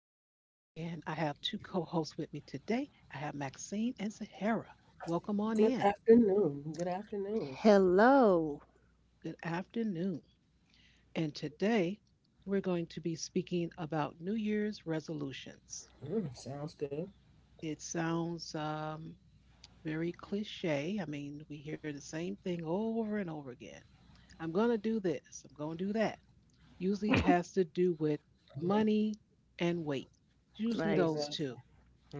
I have two co hosts with me today. I have Maxine and Zahara. Welcome on Good in. afternoon. Good afternoon. Hello. Good afternoon. And today, we're going to be speaking about New Year's resolutions. Mm, sounds good. It sounds very cliche. I mean, we hear the same thing over and over again. I'm going to do this. I'm going to do that. Usually has to do with Hmm. money and weight, usually Right. those two. Exactly.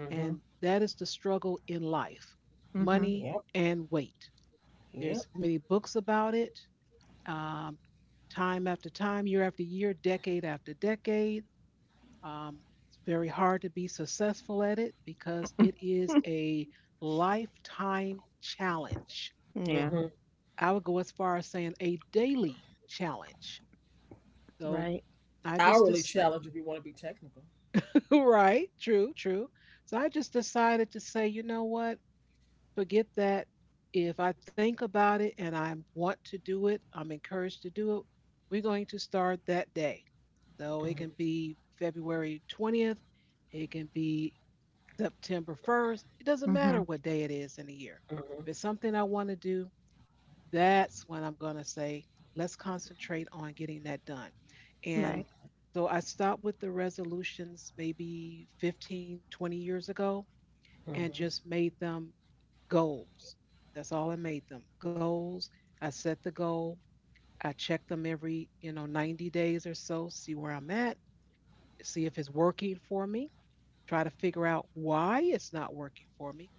And hmm that is the struggle in life money Yep. and weight. There's Yep. many books about it, um, time after time, year after year, decade after decade. Um, it's very hard to be successful at it because it is a lifetime challenge. Yeah. Hmm. I would go as far as saying a daily challenge. So Right. I just Hourly decided. challenge if you want to be technical. Right. True, true. So I just decided to say, you know what? Forget that. If I think about it and I want to do it, I'm encouraged to do it. We're going to start that day. So it can Hmm. be February 20th, it can be September 1st. It doesn't matter Mm-hmm. what day it is in the year. If it's something I want to do, that's when I'm going to say, let's concentrate on getting that done. Right. And Hmm. so I stopped with the resolutions maybe 15, 20 years ago and Hmm. just made them goals. That's all, I made them goals. I set the goal. I check them every, you know, 90 days or so, see where I'm at, see if it's working for me, try to figure out why it's not working for me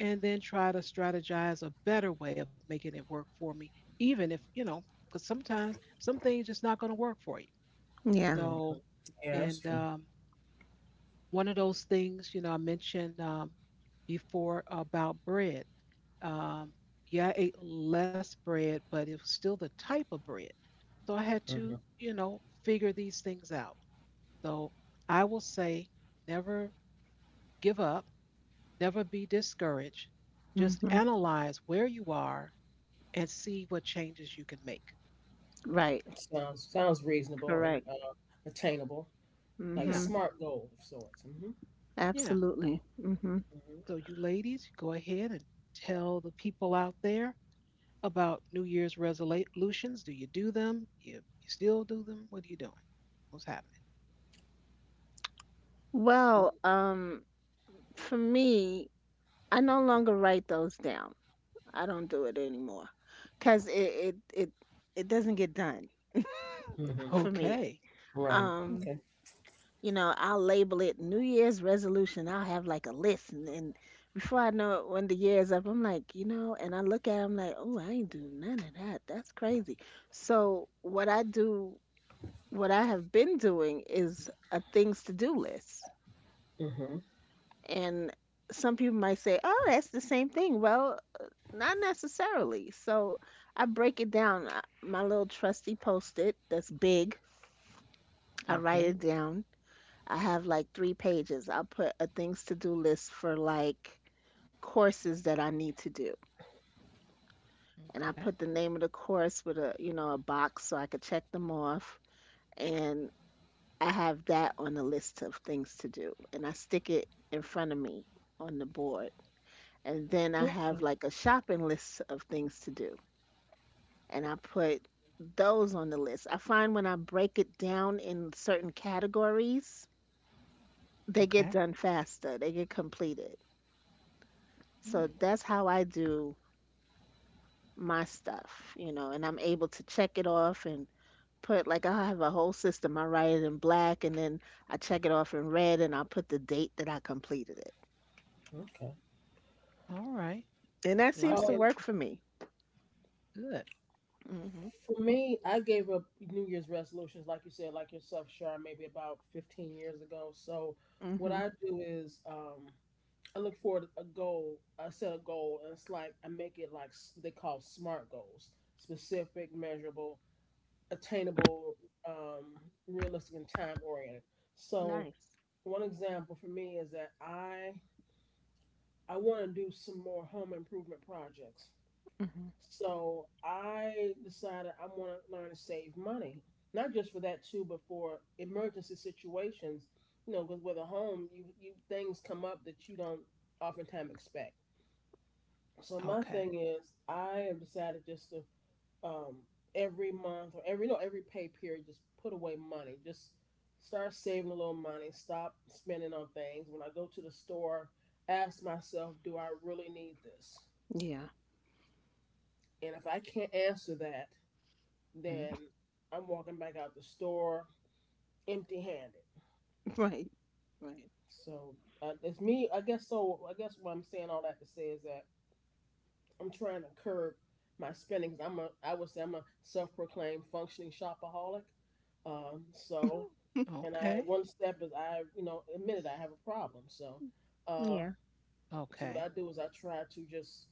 and then try to strategize a better way of making it work for me, even if, you know, because sometimes some things just not going to work for you. Yeah. Hmm. So, Yeah, that's and true. One of those things, you know, I mentioned before about bread. Um, yeah, I ate less bread, but it was still the type of bread. So I had to, Hmm. you know, figure these things out. So I will say never give up. Never be discouraged. Just Mm-hmm. analyze where you are and see what changes you can make. Right. Sounds reasonable and Correct. Attainable, like a Yeah, Mm-hmm. smart goal of sorts. Hmm yeah. Absolutely. Mm-hmm. So, you ladies, go ahead and tell the people out there about New Year's resolutions. Do you do them? You still do them? What are you doing? What's happening? Well, for me, I no longer write those down. I don't do it anymore because it doesn't get done hmm. Hmm. for me. Okay, Right. Um, Okay. I'll label it New Year's resolution. I'll have like a list, and before I know it, when the year is up, I'm like, and I look at it, I'm like, oh, I ain't do none of that. That's crazy. So what I do, what I have been doing, is a things to do list. Hmm. And some people might say, oh, that's the same thing. Well, not necessarily. So I break it down. My little trusty post it that's big. I write okay, it down. I have like three pages. I'll put a things to do list for like courses that I need to do. And I okay, put the name of the course with a box so I could check them off. And I have that on the list of things to do. And I stick it in front of me on the board. And then Okay. I have like a shopping list of things to do. And I put those on the list. I find when I break it down in certain categories, they get okay. done faster, they get completed. So Hmm. that's how I do my stuff, and I'm able to check it off and put like I have a whole system. I write it in black and then I check it off in red and I'll put the date that I completed it. Okay. All right. And that seems Like to Um, it. work for me. Good. Mhm. For me, I gave up New Year's resolutions, like you said, like yourself, Shar, maybe about 15 years ago. So, what Mhm. I do is I look for a goal. I set a goal, and it's like I make it like they call SMART goals: specific, measurable, attainable, um, realistic, and time oriented. So, Nice. one example for me is that I want to do some more home improvement projects. Mhm. So I decided I want to learn to save money, not just for that too, but for emergency situations. You know, because with a home, you, things come up that you don't oftentimes expect. So my Okay. thing is, I have decided just to um, every month or every no every pay period, just put away money, just start saving a little money, stop spending on things. When I go to the store, ask myself, do I really need this? Yeah. And if I can't answer that, Mhm. then I'm walking back out the store empty handed. Right. Right. So it's me. I guess so. I guess what I'm saying all that to say is that I'm trying to curb my spending because I'm a. I would say I'm a self-proclaimed functioning shopaholic. So and I Okay. one step is I admitted I have a problem. So uh, Yeah. What Okay. I do is I try to just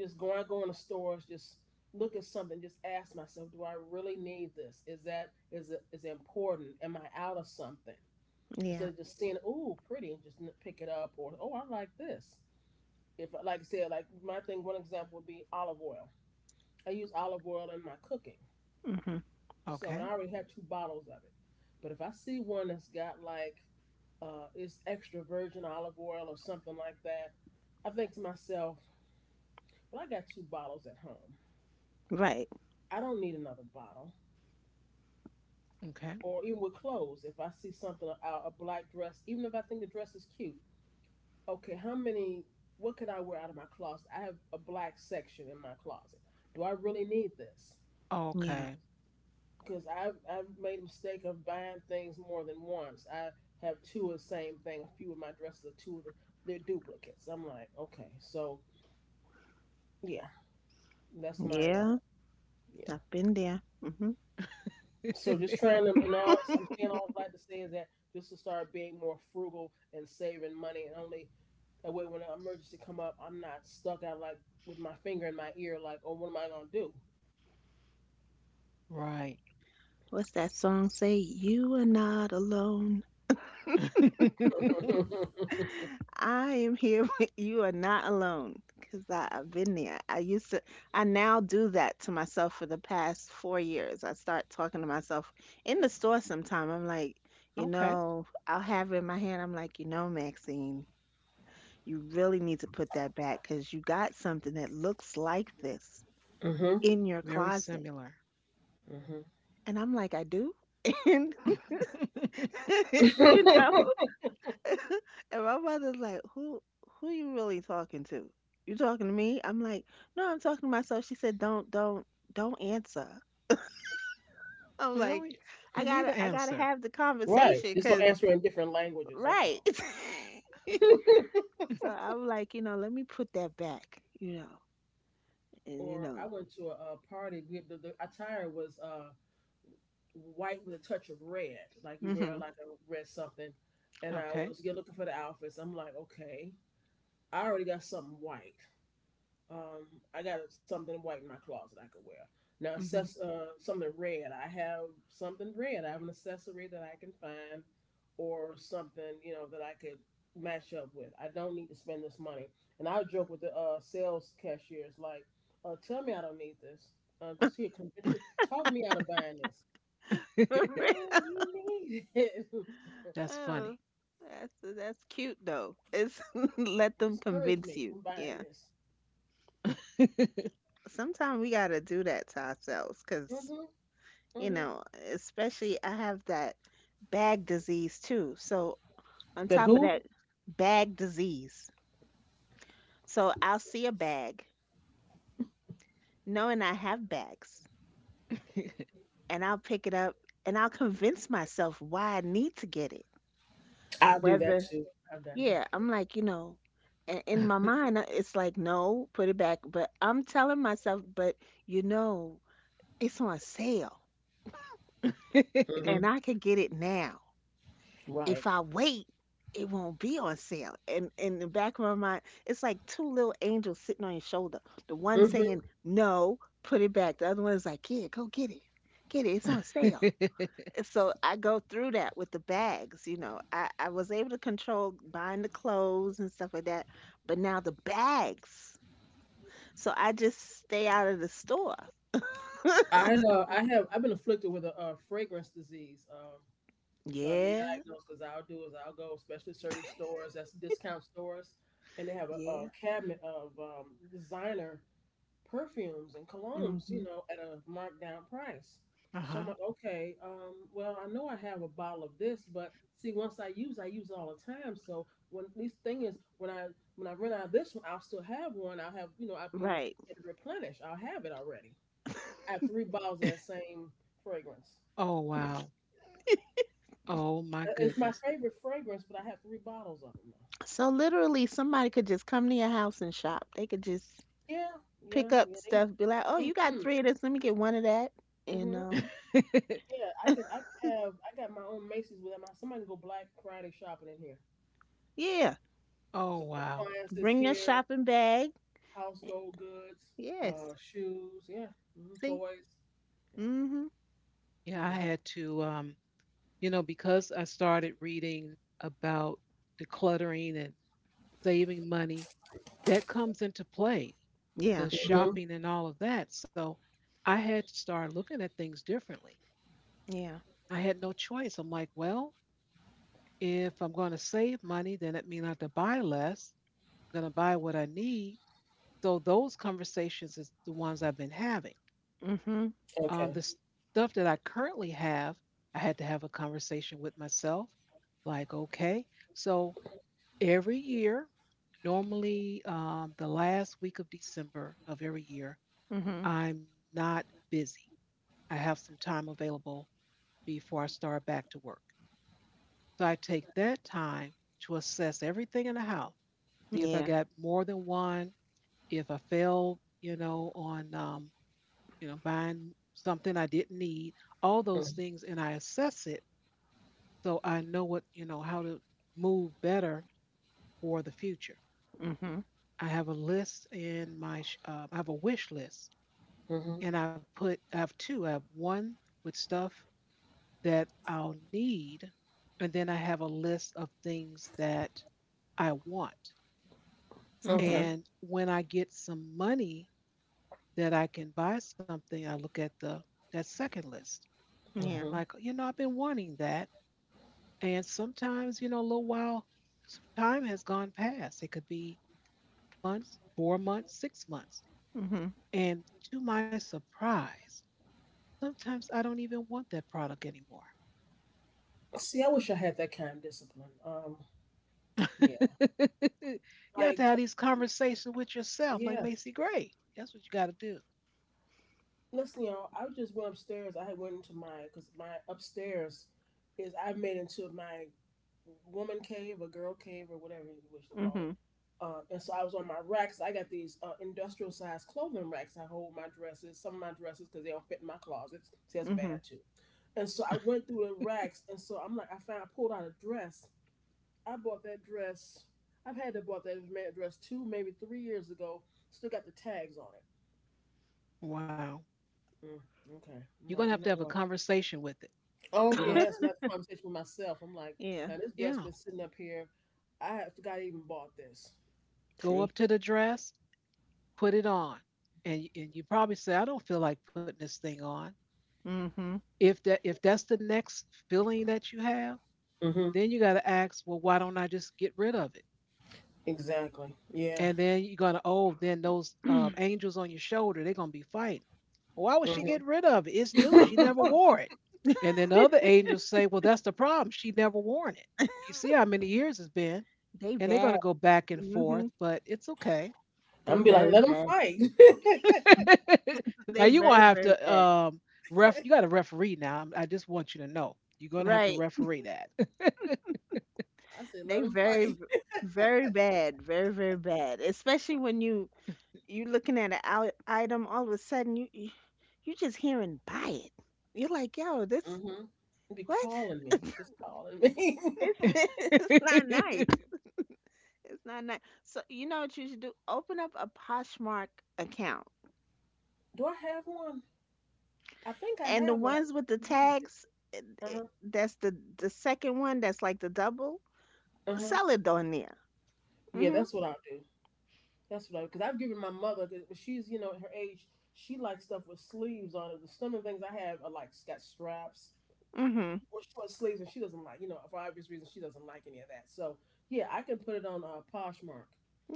Just going, I go in the stores, just look at something, just ask myself, do I really need this? Is it important? Am I out of something? Instead Yeah. of just seeing, oh, pretty, and just pick it up, or oh, I like this. If like I said, like my thing, one example would be olive oil. I use olive oil in my cooking, Mhm. so and Okay. I already have two bottles of it. But if I see one that's got like it's extra virgin olive oil or something like that, I think to myself, well, I got two bottles at home. Right. I don't need another bottle. Okay. Or even with clothes, if I see something a black dress, even if I think the dress is cute, okay, how many? What can I wear out of my closet? I have a black section in my closet. Do I really need this? Yeah. Okay. Because I've made a mistake of buying things more than once. I have two of the same thing. A few of my dresses are two of they're duplicates. I'm like, okay, so yeah, that's my Yeah. yeah. I've been there. Mhm. So just trying to, and all I'm saying all that to say is that just to start being more frugal and saving money, and only that way when an emergency come up, I'm not stuck out like with my finger in my ear, like, oh, what am I gonna Right. What's that song say? You are not alone. do? I am here with you are not alone because I've been there. I now do that to myself for the past 4 years. I start talking to myself in the store sometime. I'm like, okay. I'll have it in my hand. I'm like, Maxine, you really need to put that back because you got something that looks like this mm-hmm, in your Very closet. similar. And I'm like, I do. And, you know, mm-hmm. And my mother's like, "Who you really talking to? You talking to me?" I'm like, "No, I'm talking to myself." She said, "Don't answer." I'm Well, like, y- you "I need an gotta I gotta answer. have the right. conversation, Just don't cause answer in different languages. That's right." all. So I'm like, let me put that back, you know, and you Or I know, went to a, party. We had the attire was white with a touch of red, like you wear hmm like a red something. And I Okay. was looking for the outfits. I'm like, okay. I already got something white. Um, I got something white in my closet I could wear. Now, hmm assess something red. I have something red. I have an accessory that I can find, or something that I could match up with. I don't need to spend this money. And I joke with the sales cashiers like, "Tell me I don't need this. Just here, convince, talk me out of buying this. No, you need it. That's Oh, funny. that's cute though. It's let them Discourage convince me you. from buying Yeah. this." Sometimes we gotta do that to ourselves because Mm-hmm. you Mm-hmm. know, especially I have that bag disease too. So on Said top of who? that, bag disease. So I'll see a bag, knowing I have bags, and I'll pick it up and I'll convince myself why I need to get it. I'll do that Whether, too. I've done that. yeah, I'm like, in my mind, it's like, no, put it back. But I'm telling myself, but you know, it's on sale and Hmm. I can get it now. Right. If I wait, it won't be on sale. And in the back of my mind, it's like two little angels sitting on your shoulder. The one Hmm. saying, no, put it back. The other one is like, yeah, go get it. Get it. It's on sale. And so I go through that with the bags. I was able to control buying the clothes and stuff like that. But now the bags. So I just stay out of the store. I have I've been afflicted with fragrance disease. So I've been Yeah. diagnosed because I'll do is I'll go, especially certain stores that's discount stores, and they have a Yeah. cabinet of designer perfumes and colognes, Hmm. At a markdown price. Uh So huh. I'm like, okay, well, I know I have a bottle of this, but see, once I use all the time. So when this thing is, when I run out of this one, I'll still have one. I'll have, I've been Right. at the replenish. I'll have it already. I have three bottles of that same fragrance. Oh, wow. Oh, my It's my goodness. favorite fragrance, but I have three bottles of them now. So literally, somebody could just come to your house and shop. They could just Yeah, pick yeah, up yeah. They, stuff, be like, "Oh, you got mm-hmm, three of this. Let me get one of that." And mm-hmm. Yeah, I could have, I got my own Macy's with them. Somebody can go Black Friday shopping in here. yeah, oh, So wow. appliances bring your here, shopping bag. household goods, Yes. Shoes, yeah, hmm See. toys. Yeah. Mhm. Yeah, I had to, you know, because I started reading about decluttering and saving money, that comes into play. Yeah. The Hmm. shopping and all of that. So I had to start looking at things differently. Yeah. I had no choice. I'm like, well, if I'm going to save money, then it means I have to buy less. I'm going to buy what I need. So those conversations is the ones I've been having. Mhm. The Okay. stuff that I currently have, I had to have a conversation with myself. Like, okay, so every year, normally the last week of December of every year, Mhm. I'm not busy. I have some time available before I start back to work. So I take that time to assess everything in the house, see if I Yeah. got more than one, if I failed, you know, on, you know, buying something I didn't need, all those things, and I assess it so I know what, you know, how to move better for the future. Mhm. I have a list in my, I have a wish list, Mm-hmm. and I put, I have two. I have one with stuff that I'll need. And then I have a list of things that I want. Mhm. Okay. And when I get some money that I can buy something, I look at the that second list. Yeah. Hmm. Like, you know, I've been wanting that. And sometimes, you know, a little while, some time has gone past. It could be months, 4 months, 6 months. Mhm. And to my surprise, sometimes I don't even want that product anymore. See, I wish I had that kind of discipline. Yeah. You have to Like, have these conversations with yourself, like yeah. Macy Gray. That's what you got to do. Listen, y'all. I just went upstairs. I had went into my because my upstairs is I made into my woman cave or girl cave or whatever you wish to call it. Mhm. And so I was on my racks. I got these industrial sized clothing racks. I hold my dresses, some of my dresses, because they don't fit in my closets. See, that's Mhm. bad too. And so I went through the racks, and so I'm like, I found, I pulled out a dress. I bought that dress. I've had to bought that dress 2, maybe 3 years ago. Still got the tags on Wow. it. Mm, okay, You're going I'm like, to you have a know what? conversation with it. Oh You're going to, yeah, it's my conversation with myself. I'm like, Yeah. now this dress yeah, been sitting up here. Forgot I even bought this. go up See. to the dress, put it on. And, y- and you probably say, I don't feel like putting this thing on. Mhm. If that's the next feeling that you have, Mm-hmm. then you got to ask, well, why don't I just get rid of it? Exactly. Yeah. And then you're gonna, oh, then those angels on your shoulder, they're gonna be fighting, why would she get rid of it, it's new, she Mm-hmm. never wore it. And then the other angels say, well, that's the problem, she never wore it. You see how many years it's been. They And they're bad. gonna go back and forth, Mhm. but it's okay. They I'm be like, very let them bad. fight. Now They you're gonna very have very to bad. Ref, you got to referee now. I'm- I just want you to know you're gonna have to Right. referee that. I said, They let them very fight. Very bad. Very very bad. Especially when you looking at an item, all of a sudden you just hearing buy it. You're like, yo, this Mm-hmm. Be what? calling me. It's just calling me. It's it's not nice. It's not nice. So you know what you should do? Open up a Poshmark account, Do I have one? I think I and the have one. I ones with the just never used it. tags, Uh huh. that's the second one. That's like the double. Uh huh. Sell it on there. Yeah, Mhm. that's what I'll do. That's what I because I've given my mother. 'Cause she's her age. She likes stuff with sleeves on it. Some of the things I have are like got straps Mhm. or short sleeves, and she doesn't like for obvious reasons she doesn't like any of that. So yeah, I can put it on Poshmark.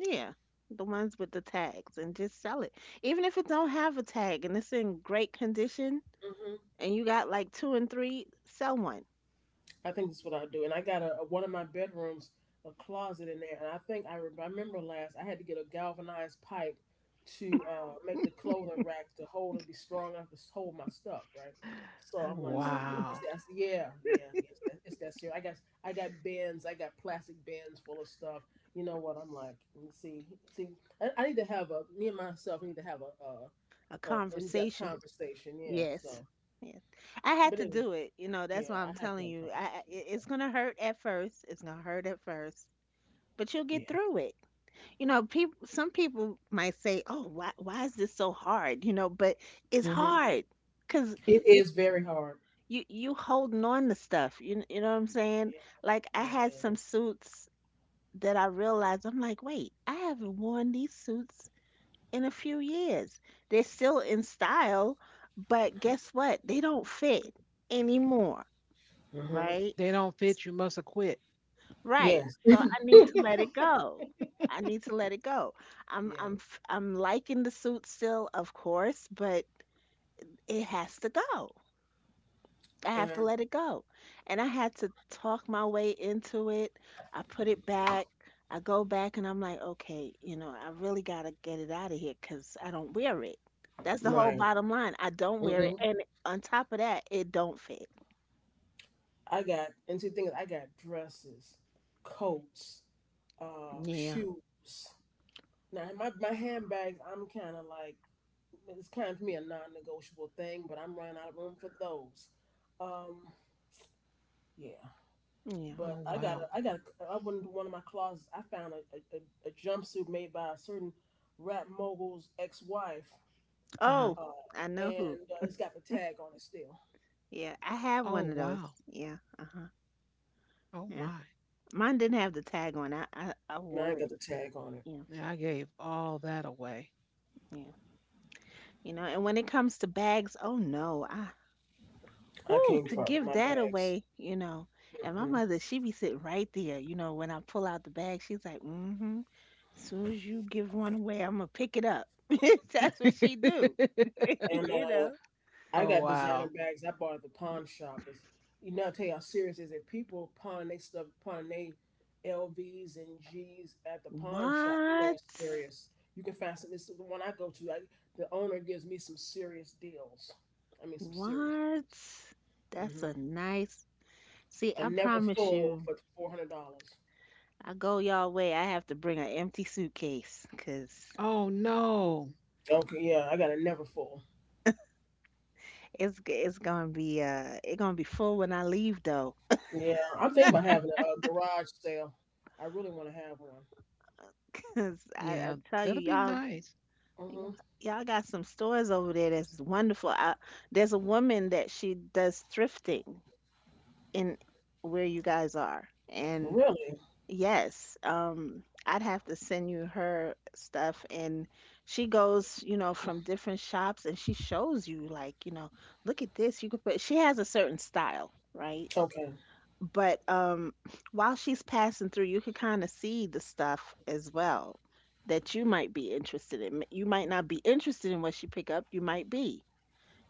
Yeah. The ones with the tags, and just sell it. Even if it don't have a tag and it's in great condition, and you got like two and three, sell one I think that's what I do. And I got one of my bedrooms a closet in there, and I think I remember last I had to get a galvanized pipe to make the clothing rack to hold and be strong enough to hold my stuff, right? So I'm like, see, it's, Wow. that's yeah, yeah, it's that serious. I got bins, I got plastic bins full of stuff. You know what? I'm like, "Mm, see, I need to have a me and myself need to have a a in depth conversation. conversation. Yeah. Yes. So, Yes. I had but to anyway, do it. You know, that's yeah, why I I'm have to telling have a you. I, I- conversation it- it's myself. going to hurt at first. It's going to hurt at first, but you'll get Yeah. through it. You know, people some people might say, "Oh, why is this so hard?" But it's Mm-hmm. hard cuz It you is very hard. you holding on to stuff. You know what I'm saying? Like I had Yeah. some suits that I realized I'm like, "Wait, I haven't worn these suits in a few years. They're still in style, but guess what? They don't fit anymore, Yeah. Hmm. right? They don't fit, you must have quit. Right. Yes. So I need to let it go. I need to let it go. I'm Yeah. I'm f- I'm liking the suit still, of course, but it has to go. I have to And let it go. And I had to talk my way into it. I put it back. I go back and I'm like, okay, I really got to get it out of here because I don't wear it. That's the whole right. bottom line. I don't wear it. Hmm. And on top of that, it don't fit. I got and see things. I got dresses, coats, Yeah. shoes. Now my handbags. I'm kind of like it's kind of to me a non-negotiable thing, but I'm running out of room for those. Um. Yeah. Yeah. But Oh wow. I went into one of my closets. I found a jumpsuit made by a certain rap mogul's ex-wife. Uh-huh. Oh, Uh, I know who. and it's got the tag on it still. Yeah. I have Oh one of wow. those. Yeah. Uh-huh. Oh Yeah. my. Mine didn't have the tag on. I And I ain't wore got it. the tag on it. Yeah. Yeah, I gave all that away. Yeah. And when it comes to bags, oh no, I I whoo, can't to fuck with give my that bags. away. And my Mm-mm. mother, she be sitting right there, when I pull out the bag, she's like, mm-hmm. As soon as you give one away, I'm gonna pick it up. That's what she do. And you know. Oh I got wow. designer bags I bought at the pawn shop. It's, I tell you how serious it is. If people pawn they stuff, pawn they LVs and Gs at the pawn shop, you know it's What? serious. You can find some. This is the one I go to. The owner gives me some serious deals. I mean, some serious What? deals. That's Hmm. a nice. See, A I never promise full you, for $400. I go y'all way. I have to bring an empty suitcase, 'cause Oh no. Okay, yeah, I got a never full. It's gonna be it gonna be full when I leave though. Yeah, I'm thinking about having a garage sale. I really want to have one. 'Cause I Yeah, tell you, that'll be y'all. nice. Hmm. Y'all, y'all got some stores over there that's wonderful. There's a woman that she does thrifting in where you guys are. And Really? yes, I'd have to send you her stuff. And she goes, from different shops and she shows you, like, look at this. She has a certain style, right? Okay. But while she's passing through, you could kind of see the stuff as well that you might be interested in. You might not be interested in what she pick up. You might be,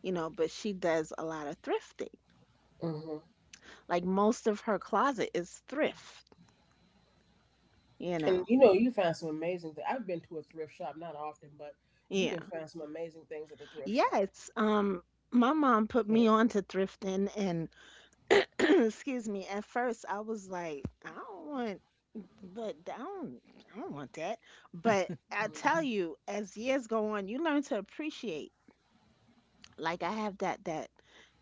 you know. But she does a lot of thrifting, Hmm. like most of her closet is thrift, you And know. You find some amazing things. I've been to a thrift shop, not often, but you Yeah. can find some amazing things at the thrift shop. Yes, my mom put me Yeah. on to thrifting and excuse me. At first I was like I don't want. But I don't, want that. But I tell Hmm. you, as years go on, you learn to appreciate. Like I have that that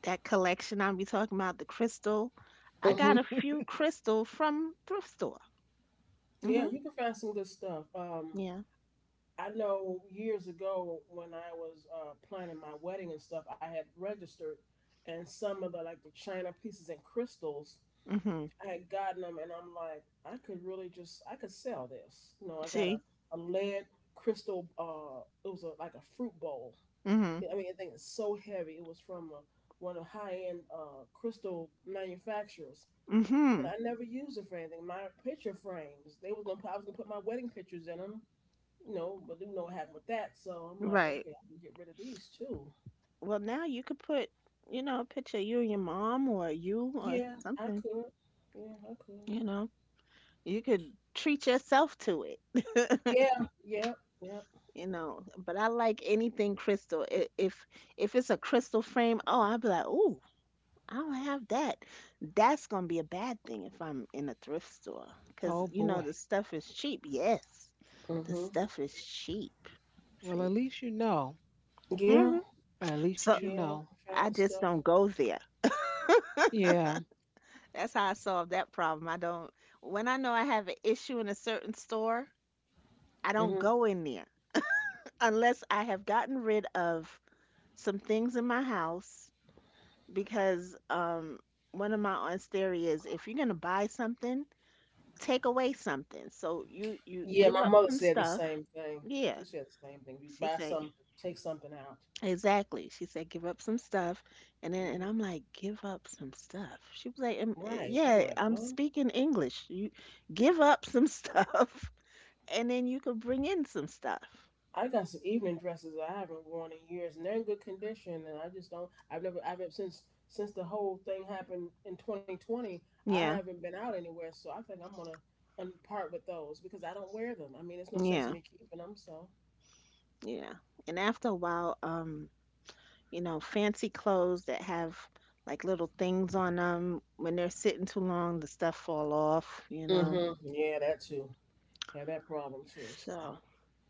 that collection I'll be talking about, the crystal. I got a Hmm. few crystal from thrift store. Yeah, Mhm. you can find some good stuff. Yeah. I know years ago when I was planning my wedding and stuff, I had registered, and some of the like the china pieces and crystals Mhm. I had gotten them, and I'm like, I could really I could sell this. You know, I got See. A lead crystal. It was like a fruit bowl. Mhm. Yeah, I mean, I think it's so heavy. It was from one of the high end crystal manufacturers, and Mhm. I never used it for anything. My picture frames, they was gonna, put- I was gonna put my wedding pictures in them. But you know what happened with that. So I'm like, Right. okay, I can get rid of these too. Well, now you could put, a picture of you and your mom or you or Yeah, I something. could. Yeah, I could. You know, you could treat yourself to it. Yeah, yeah, yeah. But I like anything crystal. If it's a crystal frame, oh, I'll be like, ooh, I don't have that. That's gonna be a bad thing if I'm in a thrift store, cause Oh you know boy. the stuff is cheap. Yes, the Mm, stuff is cheap. Well, at See. least you know. yeah. hmm At least you So know. Yeah, fine I just stuff. don't go there. Yeah. That's how I solve that problem. I don't. When I know I have an issue in a certain store, I don't Hmm. go in there unless I have gotten rid of some things in my house because one of my aunts theory is if you're gonna buy something, take away something. So you Yeah, give my up mother some said the stuff. same thing. She Yeah. said the same thing. You She buy said some, take something out. exactly. She said give up some stuff, and then and Hmm. I'm like give up some stuff. She was like, "Um, uh, Right. I'm yeah, like, I'm well, speaking English. You give up some stuff, and then you could bring in some stuff. I got some evening dresses that I haven't worn in years, and they're in good condition. And I just don't. I've never since the whole thing happened in 2020. I Yeah, haven't been out anywhere, so I think I'm gonna part with those because I don't wear them. I mean, it's no sense in yeah, me keeping them. So. yeah. And after a while, you know, fancy clothes that have like little things on them. When they're sitting too long, the stuff fall off, you know. Hmm, yeah, that too. Have that problem too. So. So,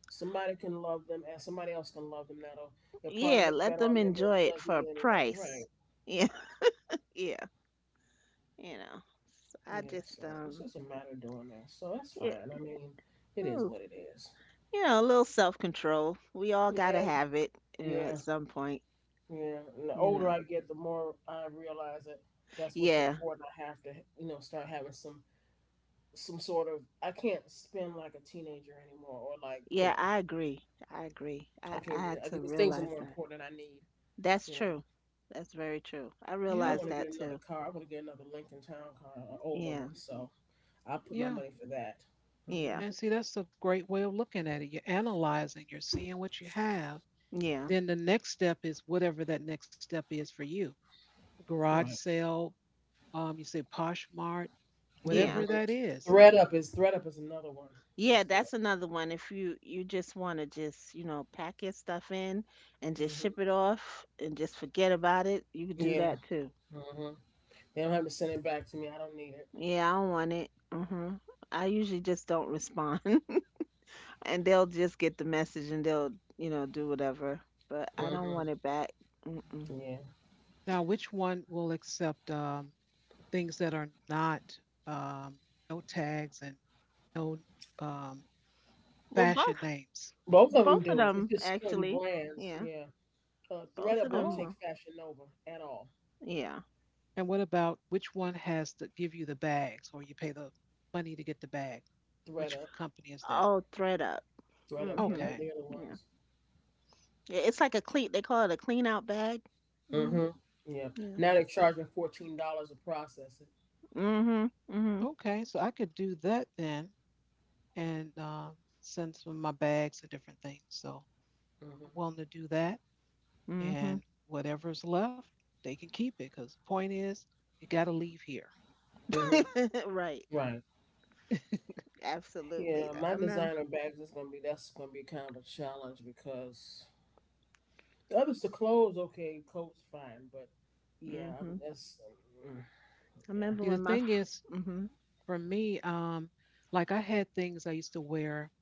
Somebody can love them, and somebody else can love them. That'll they'll probably yeah, look let better them on them than enjoy it it does for me a anyway, right? price. Yeah, yeah, you know. So I Yeah. just So it's just a matter of doing that. So that's it, fine. I mean, it is ooh, what it is. You know, a little self-control. We all got to Yeah. have it, you know, at Yeah. some point, Yeah. And the you know. older I get, the more I realize that that's what's Yeah. important. I have to, start having some sort of. I can't spend like a teenager anymore, or like you Yeah, know, I agree. I agree. I, I I can't do had that. I to guess things are realize more that. important that I need. That's You know, true. That's very true. I I Yeah. want realized to that get another too. car. I want to get another Lincoln Town car, an older Yeah. one. So I'll put my Yeah. money for that. Hmm. Yeah. And see, that's a great way of looking at it. You're analyzing, you're seeing what you have. Yeah. Then the next step is whatever that next step is for you. Garage Right. sale, you say Poshmart, hmm Yeah. whatever that is. thread up is another one. Yeah, That's good. that's another one. If you just want to just, you know, pack your stuff in and just Hmm, ship it off and just forget about it, you could do yeah. that too. hmm They don't have to send it back to me. I don't need it. Yeah, I don't want it. Hmm I usually just don't respond. And they'll just get the message and they'll, you know, do whatever. But I don't Hmm, want it back. Mm-mm. yeah. Now, which one will accept things that are not um, no tags and no um, Well, fashion both, names? Both of them both of do it. It's them just certain actually. brands. Yeah. Yeah. Thread Both of up won't them. Take Oh, Fashion Nova at all. Yeah. and what about which one has to give you the bags or you pay the money to get the bag? Thread Which up. company is that? Oh, thread up. Thread up. Yeah. Mhm. They're, Okay. they're the Yeah, it's like a clean. They call it a clean out bag. ones. Hmm Hmm, yeah. Yeah. Now they're charging $14 to process it. Mhm. Mhm. Okay. So I could do that then and send some of my bags and different things. So I'm Hmm. willing to do that. Mhm. And whatever's left, they can keep it because the point is, you got to leave here. Hmm. Right. Right. Absolutely. Yeah. I My remember. designer bags is gonna be that's gonna be kind of a challenge because the others, the clothes, okay, coats, fine, but yeah, I mean, Mhm. that's mm, I yeah. remember See, when the my. thing F- is, Mhm. for me, like I had things I used to wear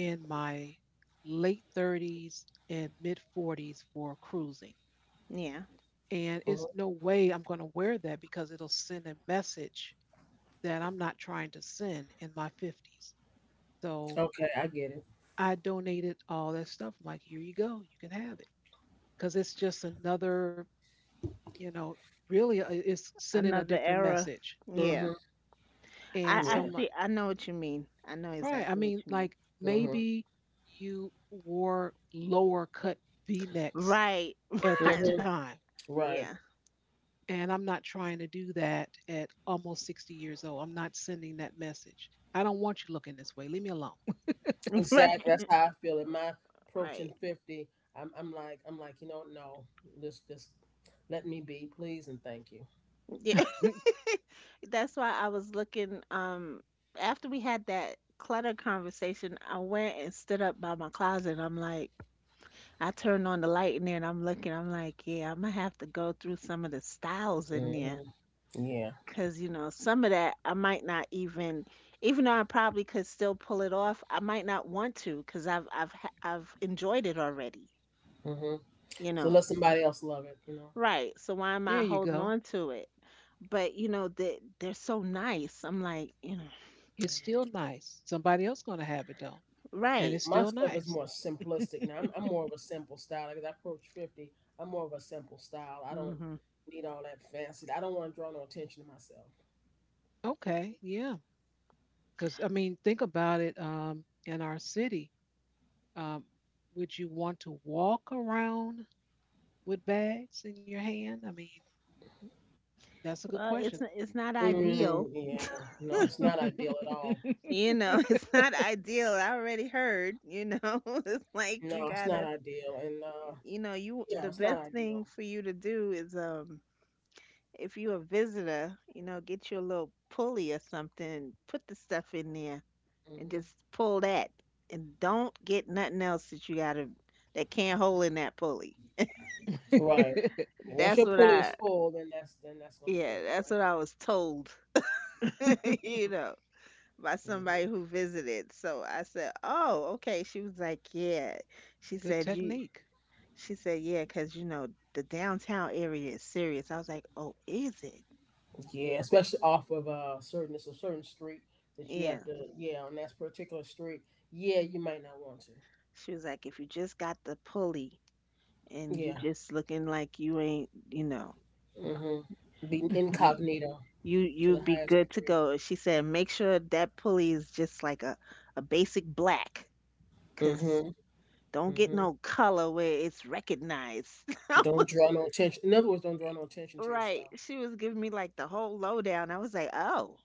in my late 30s and mid 40s for cruising. Yeah. And it's Mhm. no way I'm going to wear that because it'll send a message that I'm not trying to send in my 50s. So Okay, I get it. I donated all that stuff. I'm like, here you go, you can have it. Because it's just another, you know, really it's sending a Another different era. message. Yeah. Hmm, I And so I yeah. I'm like, see. I know what you mean. I know right. I exactly what mean, you mean. like Hmm. maybe you wore lower cut v necks Right. at that Hmm. time. Right. Yeah. And I'm not trying to do that at almost 60 years old. I'm not sending that message. I don't want you looking this way. Leave me alone. Right. Exactly. That's how I feel. In my approaching Right. 50, I'm like, no, just let me be, please, and thank you. Yeah. That's why I was looking. After we had that clutter conversation, I went and stood up by my closet. I'm like, I turned on the light in there and I'm looking, I'm like, yeah, I'm gonna have to go through some of the styles in Hmm, there. yeah. Cause you know, some of that I might not even, even though I probably could still pull it off, I might not want to, cause I've enjoyed it already, hmm you So know. let somebody else love it. Right. So why am There I you holding go. on to it? But you know, they're so nice. I'm like, you know, It's still Mm-hmm. nice. Somebody else going to have it though. And right. it's My still stuff is nice. more simplistic now. I'm more of a simple style. Like, as I approach 50, I'm more of a simple style. I don't hmm need all that fancy. I don't want to draw no attention to myself. Okay. Yeah. Because, I mean, think about it, in our city. Um, would you want to walk around with bags in your hand? I mean, that's a good Well, question. It's not Mm, ideal. yeah, no, it's not ideal at all. You know, it's not ideal. I already heard, you know, it's like you No, it's not gotta, ideal, and you know, you yeah, the it's not best ideal. thing for you to do is if you a visitor, you know, get you a little pulley or something, put the stuff in there and Hmm. just pull that, and don't get nothing else that you gotta, that can't hold in that pulley. Right. Once That's your what pulley is I full, then that's gonna be Yeah, it, that's right? what I was told, you know, by somebody hmm who visited. So I said, oh okay. She was like, yeah she Good said you technique. she said, "Yeah, 'cause you know, the downtown area is serious." I was like, "Oh, is it?" Yeah, especially off of certain it's a certain street that you have Yeah. to, yeah, on that particular street. Yeah, you might not want to. She was like, "If you just got the pulley and you Yeah. just looking like you ain't, you know, hmm Be you incognito you to the you'd be highest good to degree. go." She said, "Make sure that pulley is just like a basic black, 'cause hmm don't get hmm no color where it's recognized." I Don't was draw no attention. In other words, don't draw no attention to Right. yourself. She was giving me like the whole lowdown. I was like, "Oh."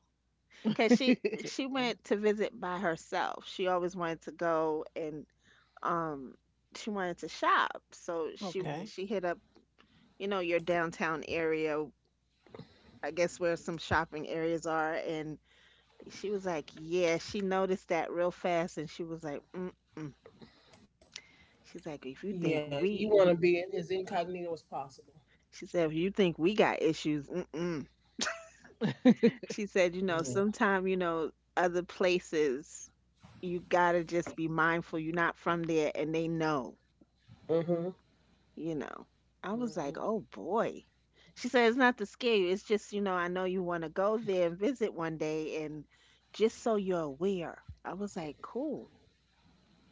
Cause she she Right. went to visit by herself. She always wanted to go and um she wanted to shop. So she okay. she Hmm, hit up, you know, your downtown area, I guess, where some shopping areas are. And she was like, "Yeah, she noticed that real fast, and she was like, "Mm-mm." She's like, "If you think yeah, you we want to be as incognito as possible. She said, "If you think we got issues, mm-mm." She said, "You know, Yeah. sometime, you know, other places you gotta just be mindful you're not from there and they know. Mm-hmm. You know, I was like, oh hmm boy. She said, it's not to scare you. It's just, you know, I know you want to go there and visit one day, and just so you're aware. I was like, cool.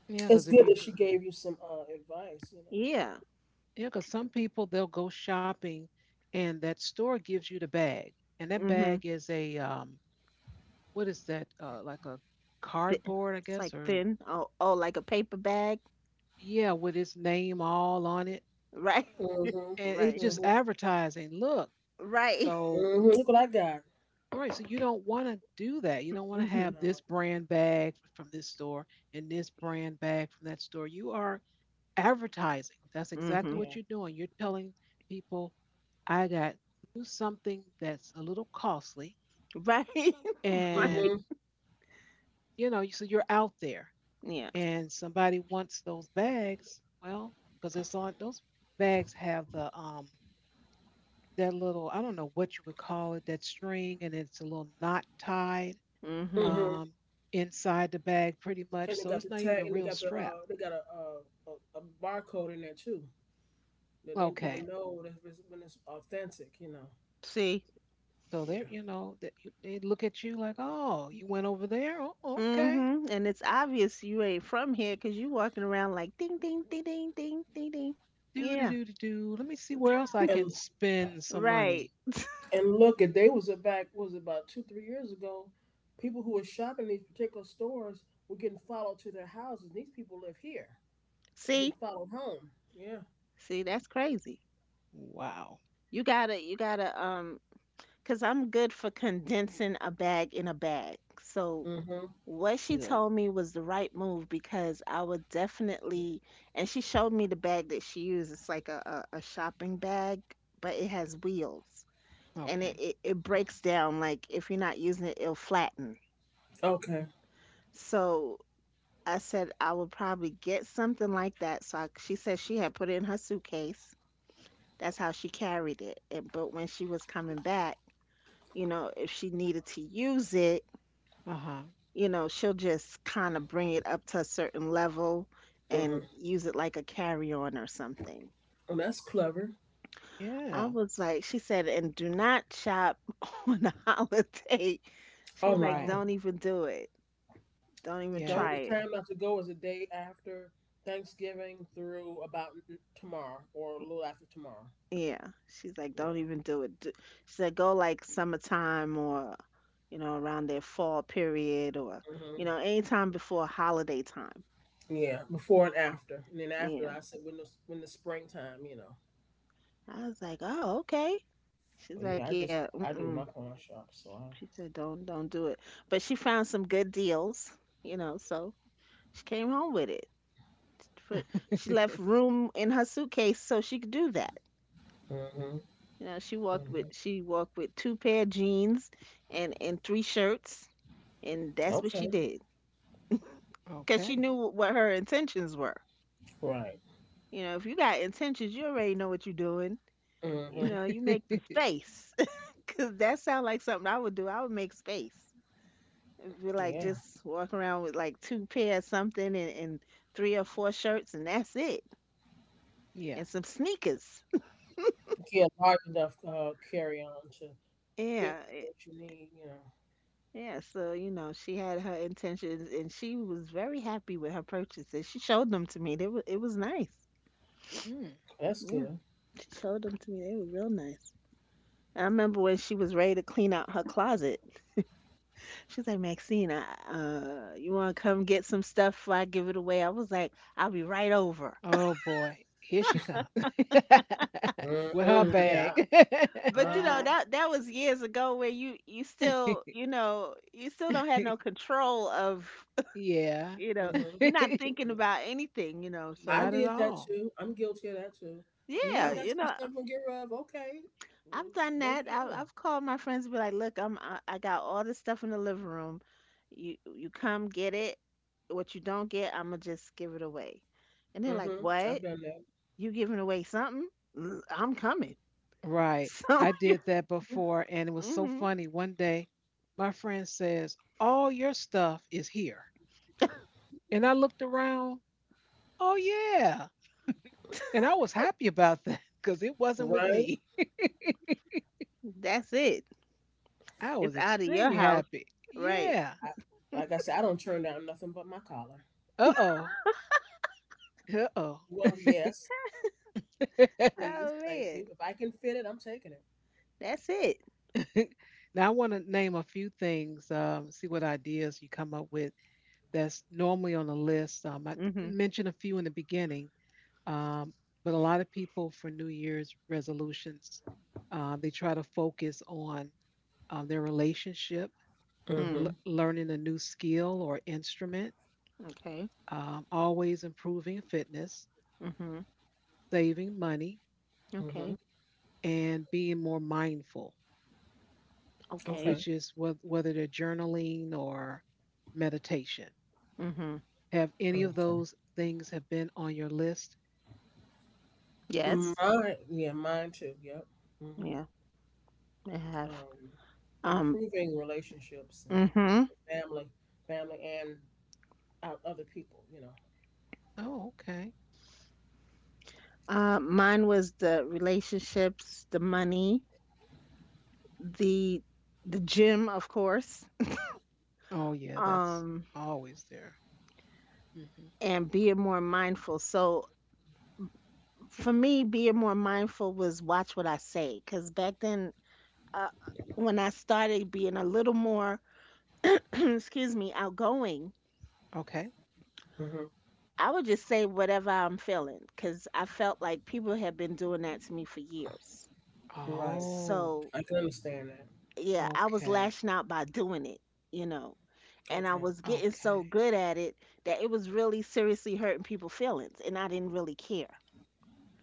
Yeah, It's because if good you, that she gave you some advice. Yeah. yeah, because some people they'll go shopping, and that store gives you the bag, and that Mm-hmm. bag is a what is that? Like a Th- cardboard, I It's like guess, or thin. Oh, oh, like a paper bag. yeah, with its name all on it, Right. Mm-hmm. and it's Right. just Mm-hmm. advertising. Look, Right. so, Mm-hmm. Look what I got. right. So you don't want to do that. You don't want to Mm-hmm. have No. this brand bag from this store and this brand bag from that store. You are advertising. That's exactly Mm-hmm. what Yeah. you're doing. You're telling people, I got you something that's a little costly. Right. And, Right. Mm-hmm. you know, so you're out there Yeah. and somebody wants those bags. Well, because it's on those bags have the, that little, I don't know what you would call it, that string, and it's a little knot tied Mm-hmm. Mm-hmm. um, inside the bag pretty much. And they So got it's the not even tag, a and they real got the strap. They got a barcode in there too. That letting people Okay. know that when it's authentic. See? So they're, Yeah. you know, that you- they look at you like, oh, you went over there? Oh, okay. Mm-hmm. And it's obvious you ain't from here because you walking around like ding, ding, ding, ding, ding, ding, ding. Do, do, Yeah. do, do, do. Let me see where else I can And spend some Right. money. and look, if they was it back was about two three years ago, people who were shopping these particular stores were getting followed to their houses. These people live here, getting See, followed home. Yeah. see, that's crazy. Wow. You gotta, you gotta, um, Cause I'm good for condensing a bag in a bag. So Mm-hmm. what she Good. told me was the right move, because I would definitely, and she showed me the bag that she used. It's like a shopping bag, but it has wheels and it, Okay. it, it breaks down. Like if you're not using it, it'll flatten. Okay. So I said I would probably get something like that. So I, she said she had put it in her suitcase. That's how she carried it. And but when she was coming back, you know, if she needed to use it, Uh huh. you know, she'll just kind of bring it up to a certain level and Mm-hmm. use it like a carry-on or something. Well, that's clever. I Yeah. was like, she said, and do not shop on a holiday. She Oh was like, Right. no, don't even do it. Don't even Yeah. don't. try The it. time not to go is the day after Thanksgiving through about tomorrow or a little after tomorrow. Yeah. She's like, Yeah. don't even do it. D- She said, go like summertime or, you know, around their fall period or, Hmm, you know, anytime before holiday time. yeah, before and after, and then after Yeah. I said when the springtime. I was like, oh, okay. She's But yeah, like, yeah, I do mm-mm. my pawn shop, so She said, don't do it. But she found some good deals, you know, so she came home with it. But she left room in her suitcase so she could do that. I. Hmm. You know, Hmm. she walked with two pair of jeans and three shirts. And that's what she Okay. did. Because she okay. knew what her intentions were. Right. You know, if you got intentions, you already know what you're doing. You Hmm, know, you make the space. Because that sounds like something I would do. I would make space. If you like yeah. just walk around with like two pair of something and three or four shirts, and that's it. And yeah. some sneakers. Yeah, large enough carry on to Yeah. fit what you need. You know, Yeah. So, you know, she had her intentions and she was very happy with her purchases. She showed them to me. They were, it was nice. Mm. that's Yeah. good. She showed them to me. They were real nice. I remember when she was ready to clean out her closet. She's like, Maxine, you want to come get some stuff before I give it away? I was like, I'll be right over. Oh boy, here she comes with her Mm-hmm. Yeah. bag. But Uh you know, huh. that that was years ago where you still, you know, you still don't have no control of, yeah, you know, hmm you're not thinking about anything, you know, I Not so at did that all. too. I'm guilty of that too. yeah, I Yeah. got you some know, stuff to get rid of. Okay, I've done let that. me in. I've called my friends and be like, look, I got all this stuff in the living room. You come get it, what you don't get I'm gonna just give it away. And they're like, I've what, done that. you giving away something? "Mm, I'm coming. Right. So I did that before and it was so hmm funny. One day my friend says, All your stuff is here. And I looked around, oh yeah. And I was happy about that because it wasn't with Right. me. that's it, I it's was out of your extremely house, happy. right. Yeah. I, like I said, I don't turn down nothing but my collar. Uh oh. Uh oh. Well, yes, please, Oh thank you. man, If I can fit it, I'm taking it. that's it. Now I want to name a few things. See what ideas you come up with that's normally on the list. I Mhm. mentioned a few in the beginning. Um, but a lot of people, for New Year's resolutions, they try to focus on their relationship, Mm. Mm-hmm. learning a new skill or instrument, Okay. Always improving fitness, Mhm. saving money, Mm-hmm. Okay. and being more mindful, Okay. Okay. which is whether they're journaling or meditation. Mhm. Have any of Okay. those things have been on your list? Yes. Mine, yeah, mine too. Yep. Mm-hmm. Yeah, I have. Um, Um. Improving relationships and Mhm. family, family and out other people. You know. Oh, okay. Mine was the relationships, the money, the the gym, of course. Oh, yeah, that's Um, always there. Hmm. and being more mindful. So for me, being more mindful was watch what I say, because back then, uh, when I started being a little more, excuse me, outgoing, Okay. Mm-hmm. I would just say whatever I'm feeling because I felt like people had been doing that to me for years. Right. Oh. So, I can understand that. yeah, I was Okay. lashing out by doing it, you know, and I Okay. was getting so Okay. good at it that it was really seriously hurting people's feelings, and I didn't really care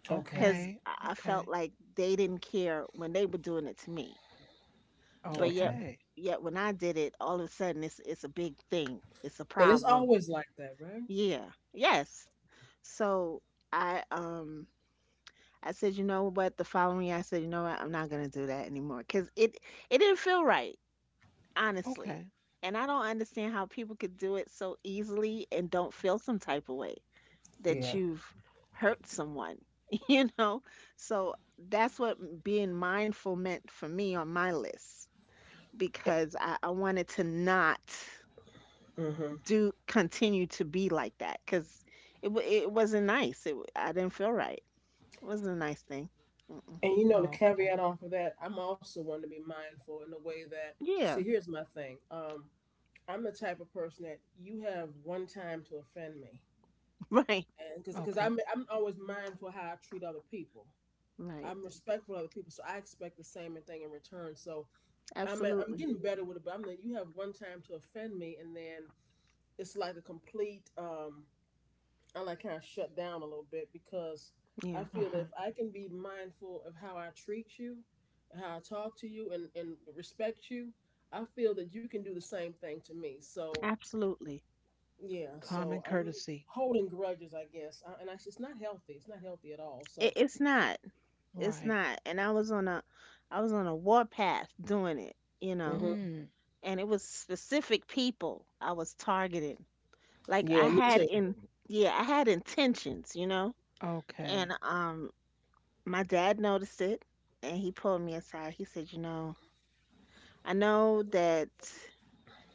Okay. because Okay. I Okay. felt like they didn't care when they were doing it to me. But yet, Okay. Okay. yet when I did it, all of a sudden it's a big thing, it's a And it's problem. always like that, right? Yeah, yes. So I um I said, you know what? The following year, I said, you know what? I'm not gonna do that anymore because it didn't feel right, honestly. Okay. And I don't understand how people could do it so easily and don't feel some type of way that Yeah. you've hurt someone, you know? So that's what being mindful meant for me on my list, because I wanted to not Mhm. do, continue to be like that, because it wasn't nice. It I didn't feel right. It wasn't a nice thing. Mm-mm. And the Okay. caveat off of that, I'm also one to be mindful in the way that, Yeah. see, here's my thing. I'm the type of person that you have one time to offend me. Right, And because Okay. I'm always mindful how I treat other people. right. I'm respectful of other people, so I expect the same thing in return. So I'm Absolutely. getting better with it, but I'm like, you have one time to offend me, and then it's like a complete I like kind of shut down a little bit, because Yeah, I feel that Uh-huh. if I can be mindful of how I treat you, how I talk to you, and respect you, I feel that you can do the same thing to me. So, absolutely. yeah, so Common I'm courtesy. holding grudges, I guess. It's not healthy. It's not healthy at all. It, So, it's not. It's Right. not. And I was on a, I was on a warpath doing it, you know. hmm, Mm. And it was specific people I was targeting. Like I yeah, me had too. in Yeah, I had intentions, you know. And Okay. My dad noticed it and he pulled me aside. He said, "You know, I know that